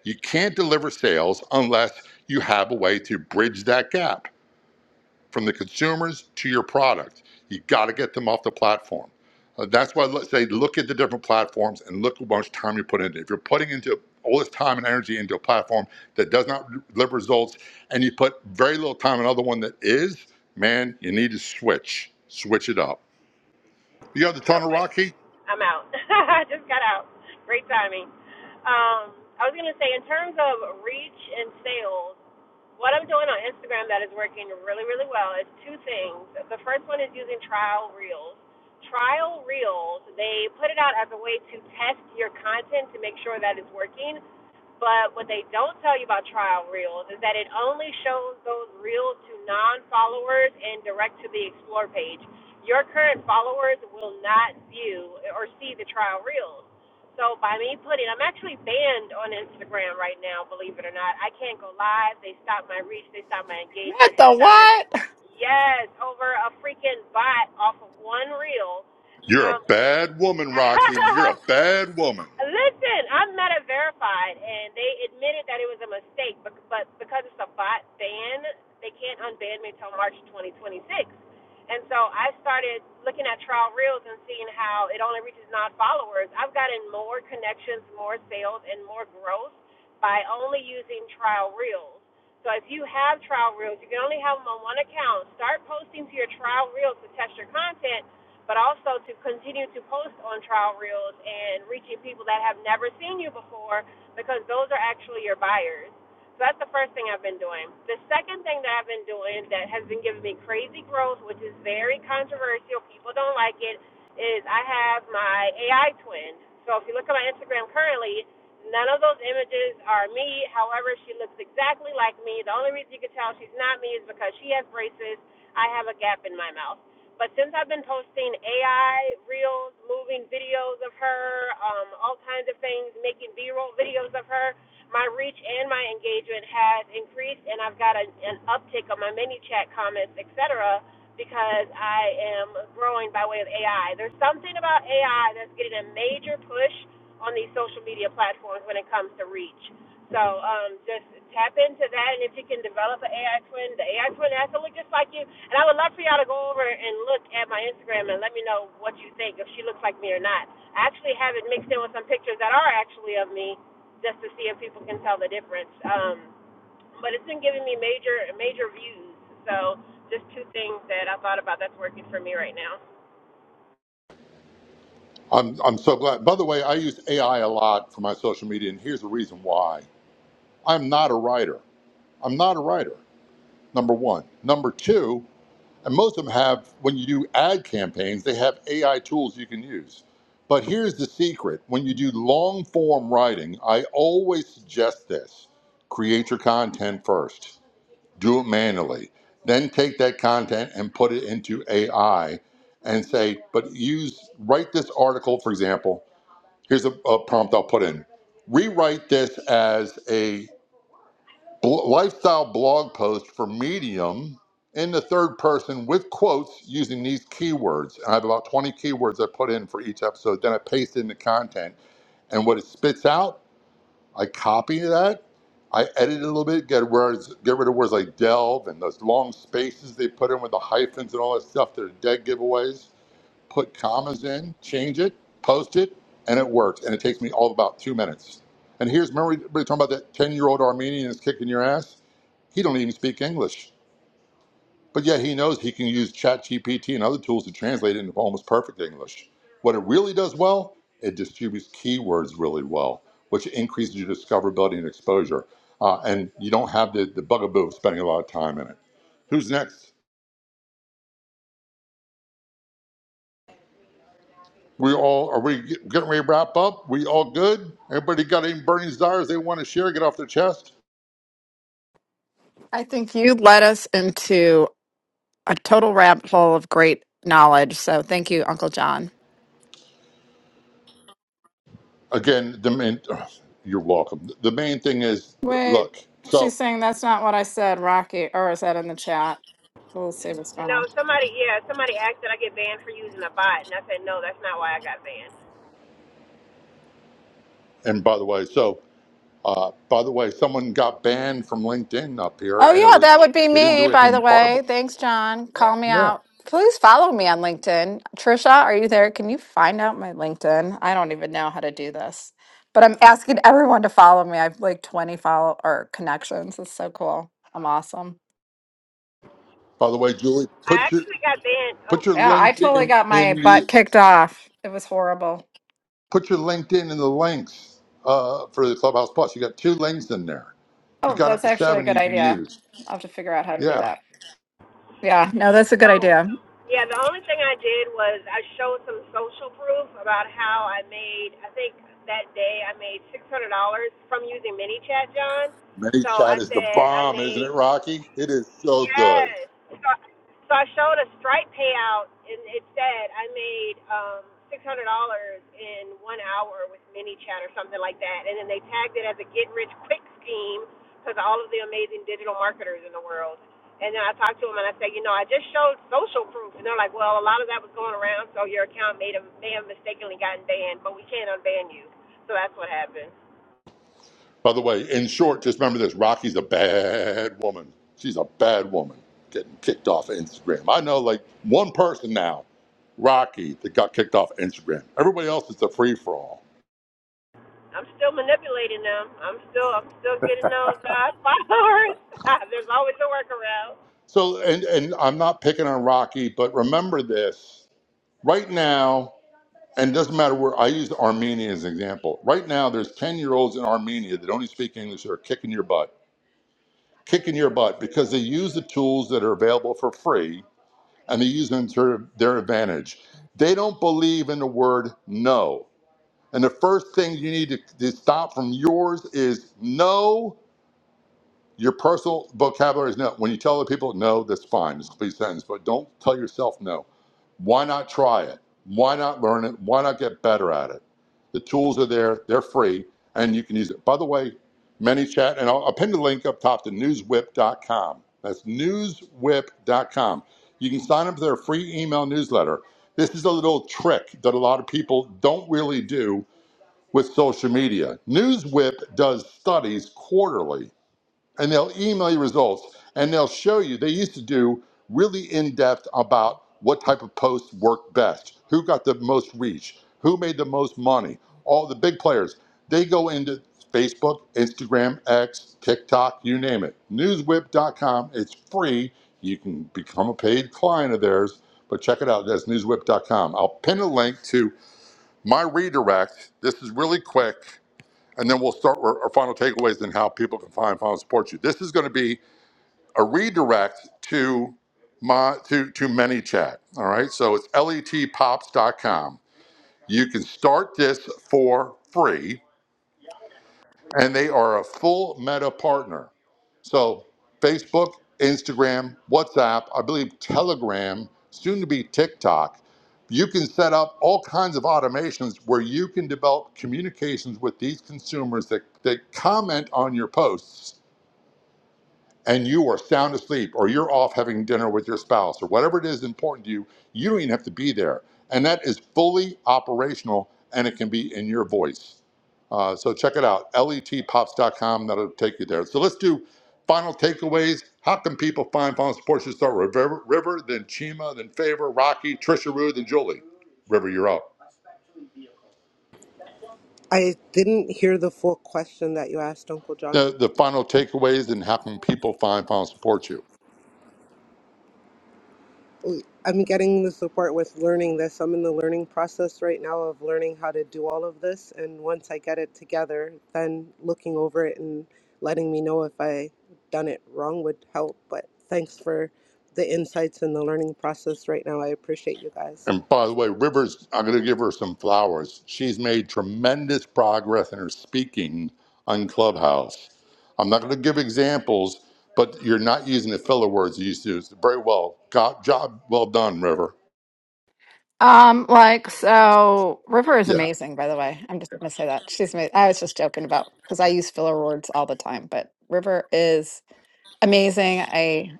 Speaker 1: You can't deliver sales unless you have a way to bridge that gap from the consumers to your product. You got to get them off the platform. Uh, that's why I say look at the different platforms and look how much time you put into it. If you're putting into all this time and energy into a platform that does not deliver results and you put very little time in another one that is, man, you need to switch. Switch it up. You got the tunnel,
Speaker 9: Okay,
Speaker 1: Rocky?
Speaker 9: I'm out. [LAUGHS] I just got out. Great timing. Um, I was gonna say in terms of reach and sales. What I'm doing on Instagram that is working really, really well is two things. The first one is using trial reels. Trial reels, they put it out as a way to test your content to make sure that it's working. But what they don't tell you about trial reels is that it only shows those reels to non followers and direct to the explore page. Your current followers will not view or see the trial reels. So by me putting, I'm actually banned on Instagram right now, believe it or not. I can't go live. They stopped my reach. They stopped my
Speaker 2: What
Speaker 9: engagement. They
Speaker 2: the
Speaker 9: stopped me.
Speaker 2: what?
Speaker 9: Yes, over a freaking bot off of one reel.
Speaker 1: You're a
Speaker 9: Um,
Speaker 1: bad woman, Rocky. You're a
Speaker 9: [LAUGHS]
Speaker 1: bad woman.
Speaker 9: Listen, I'm meta verified, and they admitted that it was a mistake, but, but because it's a bot ban, they can't unban me until March 2026. And so I started looking at trial reels and seeing how it only reaches non followers. I've gotten more connections, more sales, and more growth by only using trial reels. So if you have trial reels, you can only have them on one account. Start posting to your trial reels to test your content but also to continue to post on trial reels and reaching people that have never seen you before because those are actually your buyers. So that's the first thing I've been doing. The second thing that I've been doing that has been giving me crazy growth, which is very controversial, people don't like it, is I have my AI twin. So if you look at my Instagram currently, none of those images are me. However, she looks exactly like me. The only reason you can tell she's not me is because she has braces. I have a gap in my mouth. But since I've been posting AI reels, moving videos of her, um, all kinds of things, making B-roll videos of her, my reach and my engagement has increased, and I've got a, an uptick on my mini chat comments, etc., because I am growing by way of AI. There's something about AI that's getting a major push on these social media platforms when it comes to reach. So um, just tap into that, and if you can develop an AI twin, the AI twin has to look just like you. And I would love for y'all to go over and look at my Instagram and let me know what you think, if she looks like me or not. I actually have it mixed in with some pictures that are actually of me, just to see if people can tell the difference. Um, but it's been giving me major major views. So just two things that I thought about that's working for me right now.
Speaker 1: I'm, I'm so glad. By the way, I use AI a lot for my social media, and here's the reason why. I'm not a writer. I'm not a writer. number one. Number two, and most of them have, when you do ad campaigns, they have AI tools you can use. But here's the secret when you do long form writing, I always suggest this create your content first, do it manually, then take that content and put it into AI and say, but use, write this article, for example. Here's a, a prompt I'll put in rewrite this as a bl- lifestyle blog post for Medium in the third person with quotes using these keywords. I have about 20 keywords I put in for each episode. Then I paste in the content, and what it spits out, I copy that. I edit it a little bit, get words, get rid of words like delve and those long spaces they put in with the hyphens and all that stuff that are dead giveaways put commas in, change it, post it, and it works. And it takes me all about two minutes. And here's remember we were talking about that ten year old Armenian is kicking your ass. He don't even speak English, but yet he knows he can use ChatGPT and other tools to translate it into almost perfect English. What it really does well, it distributes keywords really well, which increases your discoverability and exposure. Uh, and you don't have the, the bugaboo of spending a lot of time in it. Who's next? We all are we getting ready to wrap up? We all good? Everybody got any burning desires they want to share? Get off their chest.
Speaker 2: I think you led us into a total rabbit hole of great knowledge. So thank you, Uncle John.
Speaker 1: Again, the main. [SIGHS] You're welcome. The main thing is
Speaker 2: Wait,
Speaker 1: look.
Speaker 2: she's
Speaker 1: So
Speaker 2: saying that's not what I said, Rocky, or is that in the chat? We'll see what's going
Speaker 9: No,
Speaker 2: on.
Speaker 9: somebody, yeah, somebody asked that I get banned for using a bot, and I said no, that's not why I got banned.
Speaker 1: and by the way, so uh, by the way, someone got banned from LinkedIn up here,
Speaker 2: Oh,
Speaker 1: and it
Speaker 2: yeah, that
Speaker 1: was
Speaker 2: would be
Speaker 1: they didn't
Speaker 2: me,
Speaker 1: do
Speaker 2: by the
Speaker 1: anything
Speaker 2: way.
Speaker 1: horrible.
Speaker 2: Thanks, John. Call me
Speaker 1: Yeah.
Speaker 2: out. Please follow me on LinkedIn. Trisha, are you there? Can you find out my LinkedIn? I don't even know how to do this, but I'm asking everyone to follow me. I have like 20 follow or connections. It's so cool. I'm awesome.
Speaker 1: By the way, Julie,
Speaker 9: I
Speaker 1: put your
Speaker 9: actually got banned. Oh,
Speaker 1: put your
Speaker 2: Yeah, I totally
Speaker 1: LinkedIn
Speaker 2: got
Speaker 1: in
Speaker 2: my butt
Speaker 1: the
Speaker 2: kicked off. It was horrible.
Speaker 1: put your LinkedIn in the links uh, for the Clubhouse Plus. You got two links in there. You
Speaker 2: Oh,
Speaker 1: got up
Speaker 2: that's
Speaker 1: to
Speaker 2: actually a
Speaker 1: seven
Speaker 2: good
Speaker 1: you can
Speaker 2: idea.
Speaker 1: use.
Speaker 2: I'll have to figure out how to do
Speaker 1: Yeah.
Speaker 2: that. Yeah, no, that's a good
Speaker 9: So,
Speaker 2: idea.
Speaker 9: yeah, the only thing I did was I showed some social proof about how I made. I think that day I made six hundred dollars from using mini chat, John. So
Speaker 1: Mate Chat
Speaker 9: I
Speaker 1: is the
Speaker 9: said I
Speaker 1: bomb, isn't
Speaker 9: made
Speaker 1: it, Rocky? It is so good.
Speaker 9: Yes. So, so I showed a Stripe payout, and it said I made um, six hundred dollars in one hour with mini chat or something like that, and then they tagged it as a get rich quick scheme because all of the amazing digital marketers in the world. And then I talked to them and I said, you know, I just showed social proof, and they're like, well, a lot of that was going around, so your account made a, may have mistakenly gotten banned, but we can't unban you. So that's what happened.
Speaker 1: By the way, in short, just remember this Rocky's a bad woman. She's a bad woman getting kicked off of Instagram. I know like one person now, Rocky, that got kicked off Instagram. Everybody else it's a free for all.
Speaker 9: I'm still manipulating them. I'm still I'm still getting those uh, followers. [LAUGHS] There's always a workaround.
Speaker 1: So, and, and I'm not picking on Rocky, but remember this right now, and it doesn't matter where I used Armenia as an example. Right now, there's 10 year olds in Armenia that only speak English that are kicking your butt kicking your butt because they use the tools that are available for free and they use them to their advantage. They don't believe in the word no. And the first thing you need to, to stop from yours is no. Your personal vocabulary is no. When you tell other people no, that's fine. It's a complete sentence, but don't tell yourself no. Why not try it? Why not learn it? Why not get better at it? The tools are there, they're free, and you can use it. By the way, ManyChat, and I'll, I'll pin the link up top to newswhip.com. That's newswhip.com. You can sign up for their free email newsletter. This is a little trick that a lot of people don't really do with social media. Newswhip does studies quarterly and they'll email you results and they'll show you. They used to do really in depth about what type of posts worked best, who got the most reach, who made the most money, all the big players. They go into Facebook, Instagram, X, TikTok, you name it. Newswhip.com. It's free. You can become a paid client of theirs, but check it out. That's newswhip.com. I'll pin a link to my redirect. This is really quick and then we'll start with our final takeaways and how people can find final support you. This is going to be a redirect to my to to ManyChat. All right, so it's letpops.com. You can start this for free, and they are a full Meta partner. So, Facebook, Instagram, WhatsApp, I believe Telegram, soon to be TikTok. You can set up all kinds of automations where you can develop communications with these consumers that, that comment on your posts and you are sound asleep or you're off having dinner with your spouse or whatever it is important to you, you don't even have to be there. And that is fully operational and it can be in your voice. Uh, so check it out, letpops.com. That'll take you there. So let's do final takeaways. How can people find final support? Should start with River, River, then Chima, then Favor, Rocky, Trisha Rue, then Julie. River, you're up.
Speaker 8: I didn't hear the full question that you asked, Uncle John.
Speaker 1: The, the final takeaways and how can people find final support you?
Speaker 8: I'm getting the support with learning this. I'm in the learning process right now of learning how to do all of this, and once I get it together, then looking over it and letting me know if I done it wrong would help. But thanks for the insights and the learning process right now. I appreciate you guys.
Speaker 1: And by the way, Rivers, I'm going to give her some flowers. She's made tremendous progress in her speaking on Clubhouse. I'm not going to give examples, but you're not using the filler words you used to use. Very well. God, job well done, River.
Speaker 2: Um, like so, River is
Speaker 1: Yeah.
Speaker 2: amazing. By the way, I'm just gonna say that she's. Amazing. I was just joking about because I use filler words all the time, but River is. amazing. I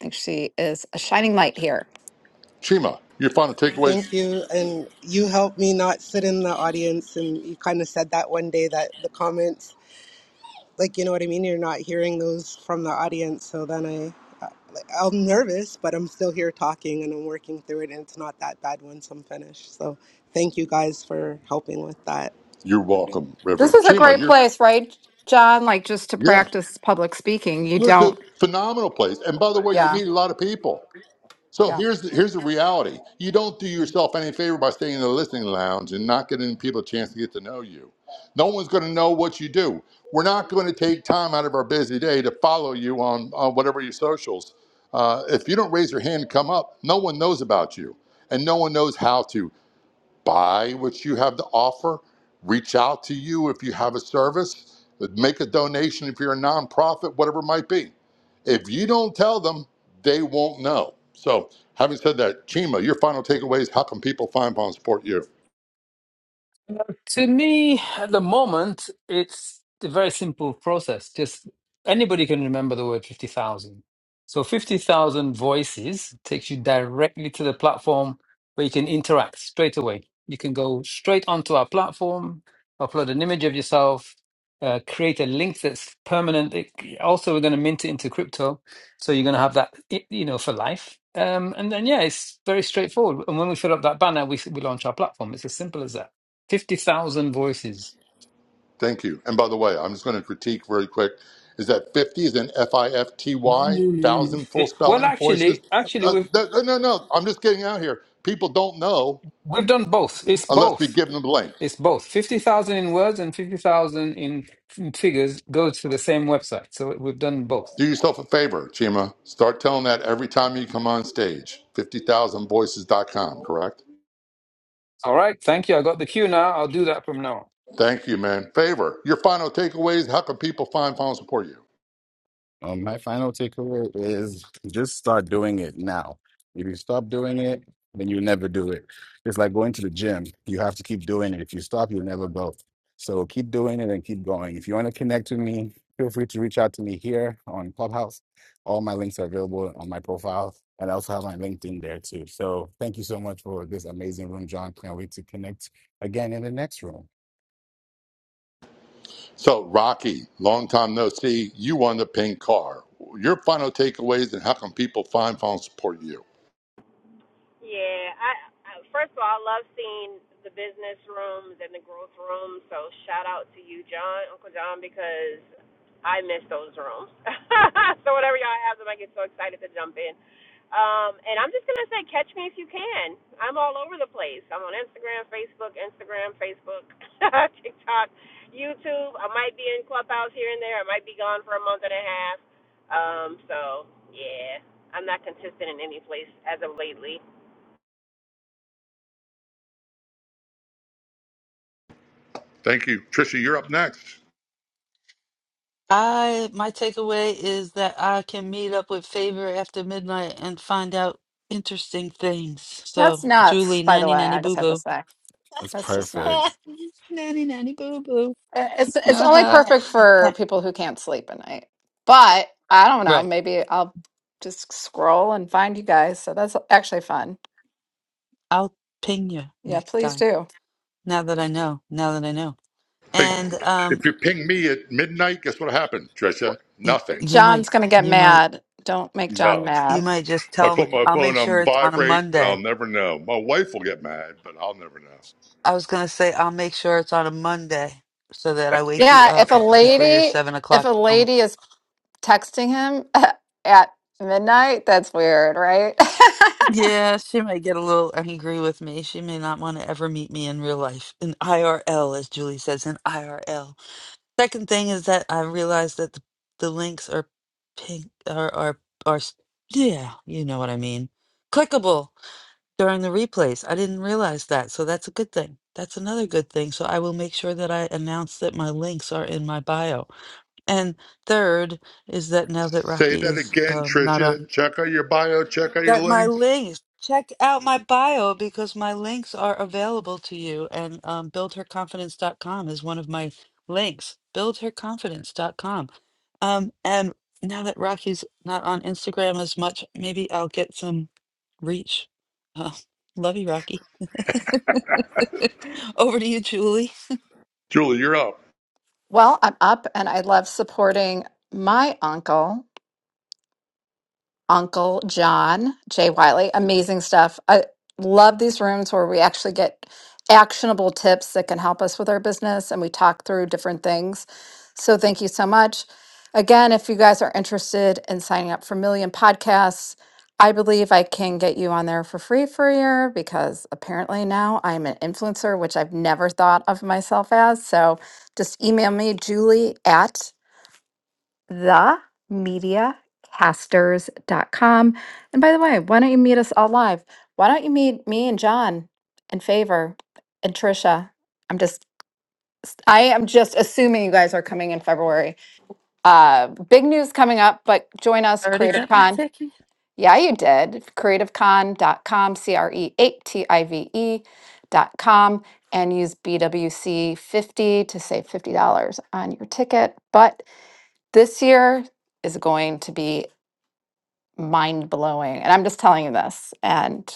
Speaker 2: think she is a shining light here.
Speaker 1: Chima, your final takeaways?
Speaker 8: Thank you. And you helped me not sit in the audience. And you kind of said that one day that the comments, like, you know what I mean? You're not hearing those from the audience. So then I, uh, like, I'm nervous, but I'm still here talking and I'm working through it. And it's not that bad once I'm finished. So thank you guys for helping with that.
Speaker 1: You're welcome,
Speaker 2: This
Speaker 1: River.
Speaker 2: is a
Speaker 1: Chima,
Speaker 2: great
Speaker 1: you're,
Speaker 2: place, right, John? Like just to
Speaker 1: yeah.
Speaker 2: practice public speaking. You
Speaker 1: It's a
Speaker 2: don't.
Speaker 1: phenomenal place. And by the way, you
Speaker 2: Yeah.
Speaker 1: meet a lot of people. So
Speaker 2: Yeah.
Speaker 1: here's the, here's the reality. You don't do yourself any favor by staying in the listening lounge and not giving people a chance to get to know you. No one's going to know what you do. We're not going to take time out of our busy day to follow you on, on whatever your socials. Uh, if you don't raise your hand to come up, no one knows about you, and no one knows how to buy what you have to offer, reach out to you if you have a service, make a donation if you're a nonprofit, whatever it might be. If you don't tell them, they won't know. So, having said that, Chima, your final takeaway is how can people find and Support You?
Speaker 4: To me, at the moment, it's a very simple process. Just anybody can remember the word 50,000. So 50,000 voices takes you directly to the platform where you can interact straight away. You can go straight onto our platform, upload an image of yourself, uh, create a link that's permanent. It, also, we're going to mint it into crypto. So you're going to have that, i- you know, for life. Um, and then, yeah, it's very straightforward. And when we fill up that banner, we, we launch our platform. It's as simple as that. 50,000 voices.
Speaker 1: Thank you. And by the way, I'm just going to critique very quick is that 50 is an F I F T Y, thousand full
Speaker 4: It- well,
Speaker 1: spelling voices.
Speaker 4: actually, actually,
Speaker 1: Uh,
Speaker 4: we've
Speaker 1: that, no, no, no, I'm just getting out here. People don't know
Speaker 4: we've done both. It's
Speaker 1: unless we
Speaker 4: both.
Speaker 1: give them the link.
Speaker 4: It's both. 50,000 in words and 50,000 in, in figures goes to the same website. So we've done both.
Speaker 1: Do yourself a favor, Chima. Start telling that every time you come on stage. 50000 Voices dot com. correct?
Speaker 4: All right. Thank you. I got the cue now. I'll do that from now on.
Speaker 1: Thank you, man. Favor, your final takeaways. How can people find, final support you?
Speaker 7: Um, my final takeaway is just start doing it now. If you stop doing it, then you never do it. It's like going to the gym. You have to keep doing it. If you stop, you'll never go. So keep doing it and keep going. If you want to connect with me, feel free to reach out to me here on Clubhouse. All my links are available on my profile. And I also have my LinkedIn there too. So thank you so much for this amazing room, John. Can't wait to connect again in the next room.
Speaker 1: So, Rocky, long time no see. You won the pink car. Your final takeaways and how can people find, final support you?
Speaker 9: Yeah, I, I first of all, I love seeing the business rooms and the growth rooms. So shout out to you, John, Uncle John, because I miss those rooms. [LAUGHS] so whenever y'all have them, I get so excited to jump in. Um, and I'm just gonna say, catch me if you can. I'm all over the place. I'm on Instagram, Facebook, Instagram, Facebook, [LAUGHS] TikTok, YouTube. I might be in Clubhouse here and there. I might be gone for a month and a half. Um, so yeah, I'm not consistent in any place as of lately.
Speaker 1: Thank you. Trisha, you're up next.
Speaker 3: I my takeaway is that I can meet up with Favor after midnight and find out interesting things. So,
Speaker 2: That's
Speaker 3: Julie,
Speaker 2: nuts, by the
Speaker 3: nanny
Speaker 2: way.
Speaker 3: nanny
Speaker 2: I just
Speaker 3: boo
Speaker 2: have to
Speaker 3: boo.
Speaker 2: say.
Speaker 7: That's
Speaker 2: That's just
Speaker 7: perfect.
Speaker 2: nuts.
Speaker 3: [LAUGHS] nanny nanny boo boo.
Speaker 2: Uh, It's it's only
Speaker 3: Uh-huh.
Speaker 2: perfect
Speaker 3: Eh,
Speaker 2: for people who can't sleep at night. But I don't know,
Speaker 3: Right.
Speaker 2: maybe I'll just scroll and find you guys. So that's actually fun.
Speaker 3: I'll ping you
Speaker 2: Yeah,
Speaker 3: next
Speaker 2: please
Speaker 3: time.
Speaker 2: do.
Speaker 3: Now that I know. Now that I know.
Speaker 1: Hey,
Speaker 3: And um
Speaker 1: if you ping me at midnight, guess what happened, Trisha?
Speaker 3: y-
Speaker 1: Nothing.
Speaker 3: you might
Speaker 2: John's gonna get
Speaker 3: you might
Speaker 2: mad. Don't make John
Speaker 1: No.
Speaker 3: you
Speaker 2: mad.
Speaker 3: might just
Speaker 1: If I
Speaker 3: tell me
Speaker 1: put my
Speaker 3: I'll make
Speaker 1: phone
Speaker 3: sure
Speaker 1: on
Speaker 3: it's on a
Speaker 1: vibrate and I'll
Speaker 3: Monday.
Speaker 1: never know. My wife will get mad, but I'll never know.
Speaker 3: I was gonna say I'll make sure it's on a Monday so that I wake you
Speaker 2: Yeah, if
Speaker 3: up
Speaker 2: a
Speaker 3: uh, before your
Speaker 2: lady
Speaker 3: seven
Speaker 2: if
Speaker 3: o'clock
Speaker 2: a
Speaker 3: room.
Speaker 2: lady is texting him [LAUGHS] at midnight, that's weird, right? [LAUGHS]
Speaker 3: Yeah, she might get a little angry with me. She may not want to ever meet me in real life. In IRL, as Julie says, in IRL. Second thing is that I realized that the, the links are pink are are are s- yeah, you know what I mean. Clickable during the replays. I didn't realize that, so that's a good thing. That's another good thing. So I will make sure that I announce that my links are in my bio. And third is that now that
Speaker 1: Say
Speaker 3: Rocky
Speaker 1: that
Speaker 3: is
Speaker 1: again,
Speaker 3: um, not
Speaker 1: Tricia.
Speaker 3: on
Speaker 1: Check out your bio, check out your
Speaker 3: that my
Speaker 1: links.
Speaker 3: links check out my bio because my links are available to you and um, build her confidence dot com is one of my links buildherconfidence.com um, and now that rocky's not on instagram as much maybe i'll get some reach uh, love you rocky [LAUGHS] over to you julie
Speaker 1: Julie, you're up.
Speaker 2: Well, I'm up and I love supporting my uncle. Uncle John, Jay Wiley. Amazing stuff. I love these rooms where we actually get actionable tips that can help us with our business and we talk through different things. So thank you so much. Again, if you guys are interested in signing up for Million Podcasts, I believe I can get you on there for free for a year because apparently now I'm an influencer, which I've never thought of myself as. So just email me, Julie at themediacasters.com. And by the way, why don't you meet us all live? Why don't you meet me and John and Favor and Trisha? I'm just I am just assuming you guys are coming in February. Uh big news coming up, but join us
Speaker 3: already
Speaker 2: Creative
Speaker 3: got my
Speaker 2: Con.
Speaker 3: ticket
Speaker 2: Yeah, you did. CreativeCon.com, C R E A T I V E dot com and use BWC 50 to save $50 on your ticket. But this year is going to be mind blowing. And I'm just telling you this. And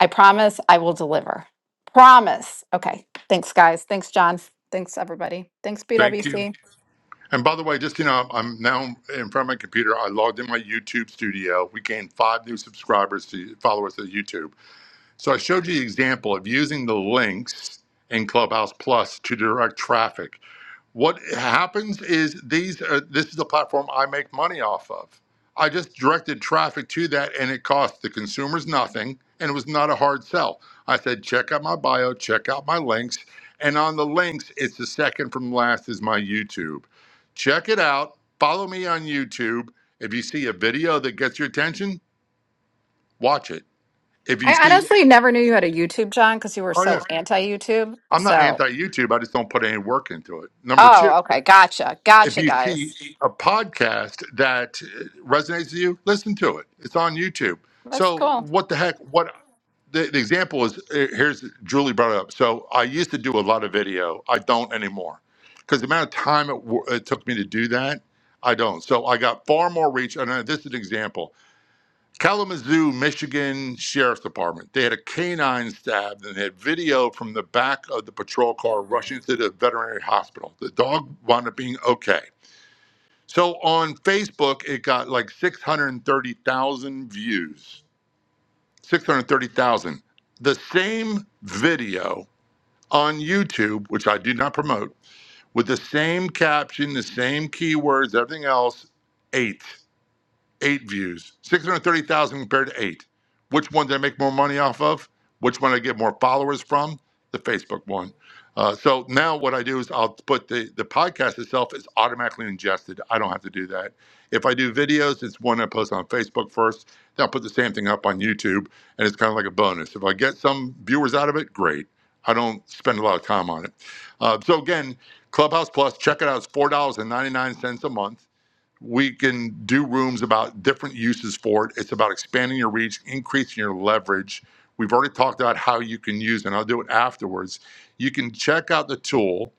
Speaker 2: I promise I will deliver. Promise. Okay. Thanks, guys. Thanks, John. Thanks, everybody. Thanks,
Speaker 1: Thank you.
Speaker 2: BWC.
Speaker 1: And by the way, just you know, I'm now in front of my computer. I logged in my YouTube studio. We gained five new subscribers to followers to YouTube. So I showed you the example of using the links in Clubhouse Plus to direct traffic. What happens is these are this is the platform I make money off of. I just directed traffic to that and it cost the consumers nothing and it was not a hard sell. I said check out my bio, check out my links, and on the links it's the second from last is my YouTube. Check it out, follow me on YouTube. If you see a video that gets your attention, watch it. If you
Speaker 2: I
Speaker 1: see
Speaker 2: honestly never knew you had a YouTube, John, because you were
Speaker 1: Oh
Speaker 2: so
Speaker 1: yeah,
Speaker 2: anti YouTube.
Speaker 1: I'm not
Speaker 2: So,
Speaker 1: anti YouTube, I just don't put any work into it. Number 2,
Speaker 2: oh, okay. Gotcha.
Speaker 1: if
Speaker 2: Gotcha,
Speaker 1: you
Speaker 2: guys.
Speaker 1: see a podcast that resonates with you, listen to it. It's on YouTube.
Speaker 2: That's
Speaker 1: So
Speaker 2: cool.
Speaker 1: what the heck? What the, the example is? eh, Here's Julie brought it up. So I used to do a lot of video. I don't anymore because the amount of time it, wo- it took me to do that, I don't. So I got far more reach. And uh, this is an example: Kalamazoo, Michigan Sheriff's Department. They had a canine stabbed, and they had video from the back of the patrol car rushing to the veterinary hospital. The dog wound up being okay so on Facebook, it got like 630,000 views. 630,000. The same video on YouTube, which I do not promote, with the same caption, the same keywords, everything else, 8 eight views, 630,000 compared to eight. Which one did I make more money off of? Which one did I get more followers from? The Facebook one. Uh, so now what I do is I'll put the, the podcast itself is automatically ingested. I don't have to do that. If I do videos, it's one I post on Facebook first. Then I'll put the same thing up on YouTube, and it's kind of like a bonus. If I get some viewers out of it, great. I don't spend a lot of time on it. Uh, so again, Clubhouse Plus, check it out. It's $4.99 a month we can do rooms about different uses for it. It's about expanding your reach, increasing your leverage. We've already talked about how you can use, it, and I'll do it afterwards. You can check out the tool,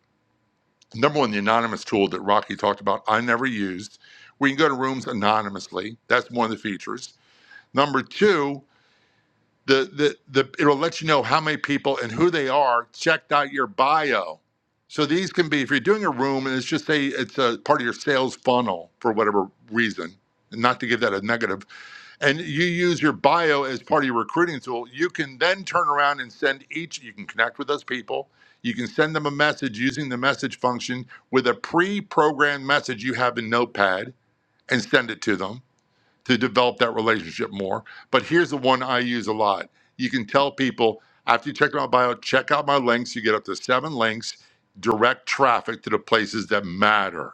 Speaker 1: number one, the anonymous tool that Rocky talked about. I never used. We can go to rooms anonymously. That's one of the features. Number two, the the the it'll let you know how many people and who they are checked out your bio. So these can be if you're doing a room and it's just say it's a part of your sales funnel for whatever reason, and not to give that a negative, and you use your bio as part of your recruiting tool, you can then turn around and send each you can connect with those people. You can send them a message using the message function with a pre-programmed message you have in Notepad and send it to them to develop that relationship more. But here's the one I use a lot. You can tell people after you check out my bio, check out my links. You get up to seven links, direct traffic to the places that matter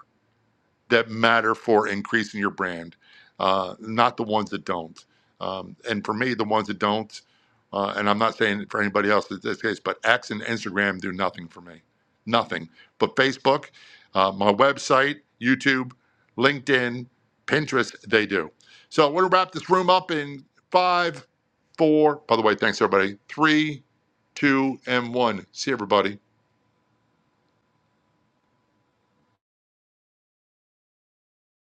Speaker 1: that matter for increasing your brand, uh, not the ones that don't. Um, and for me, the ones that don't, uh, and I'm not saying for anybody else in this case, but X and Instagram do nothing for me, nothing. But Facebook, uh, my website, YouTube, LinkedIn, Pinterest, they do. So we're gonna wrap this room up in five, four. By the way, thanks everybody. Three, two, and one. See everybody.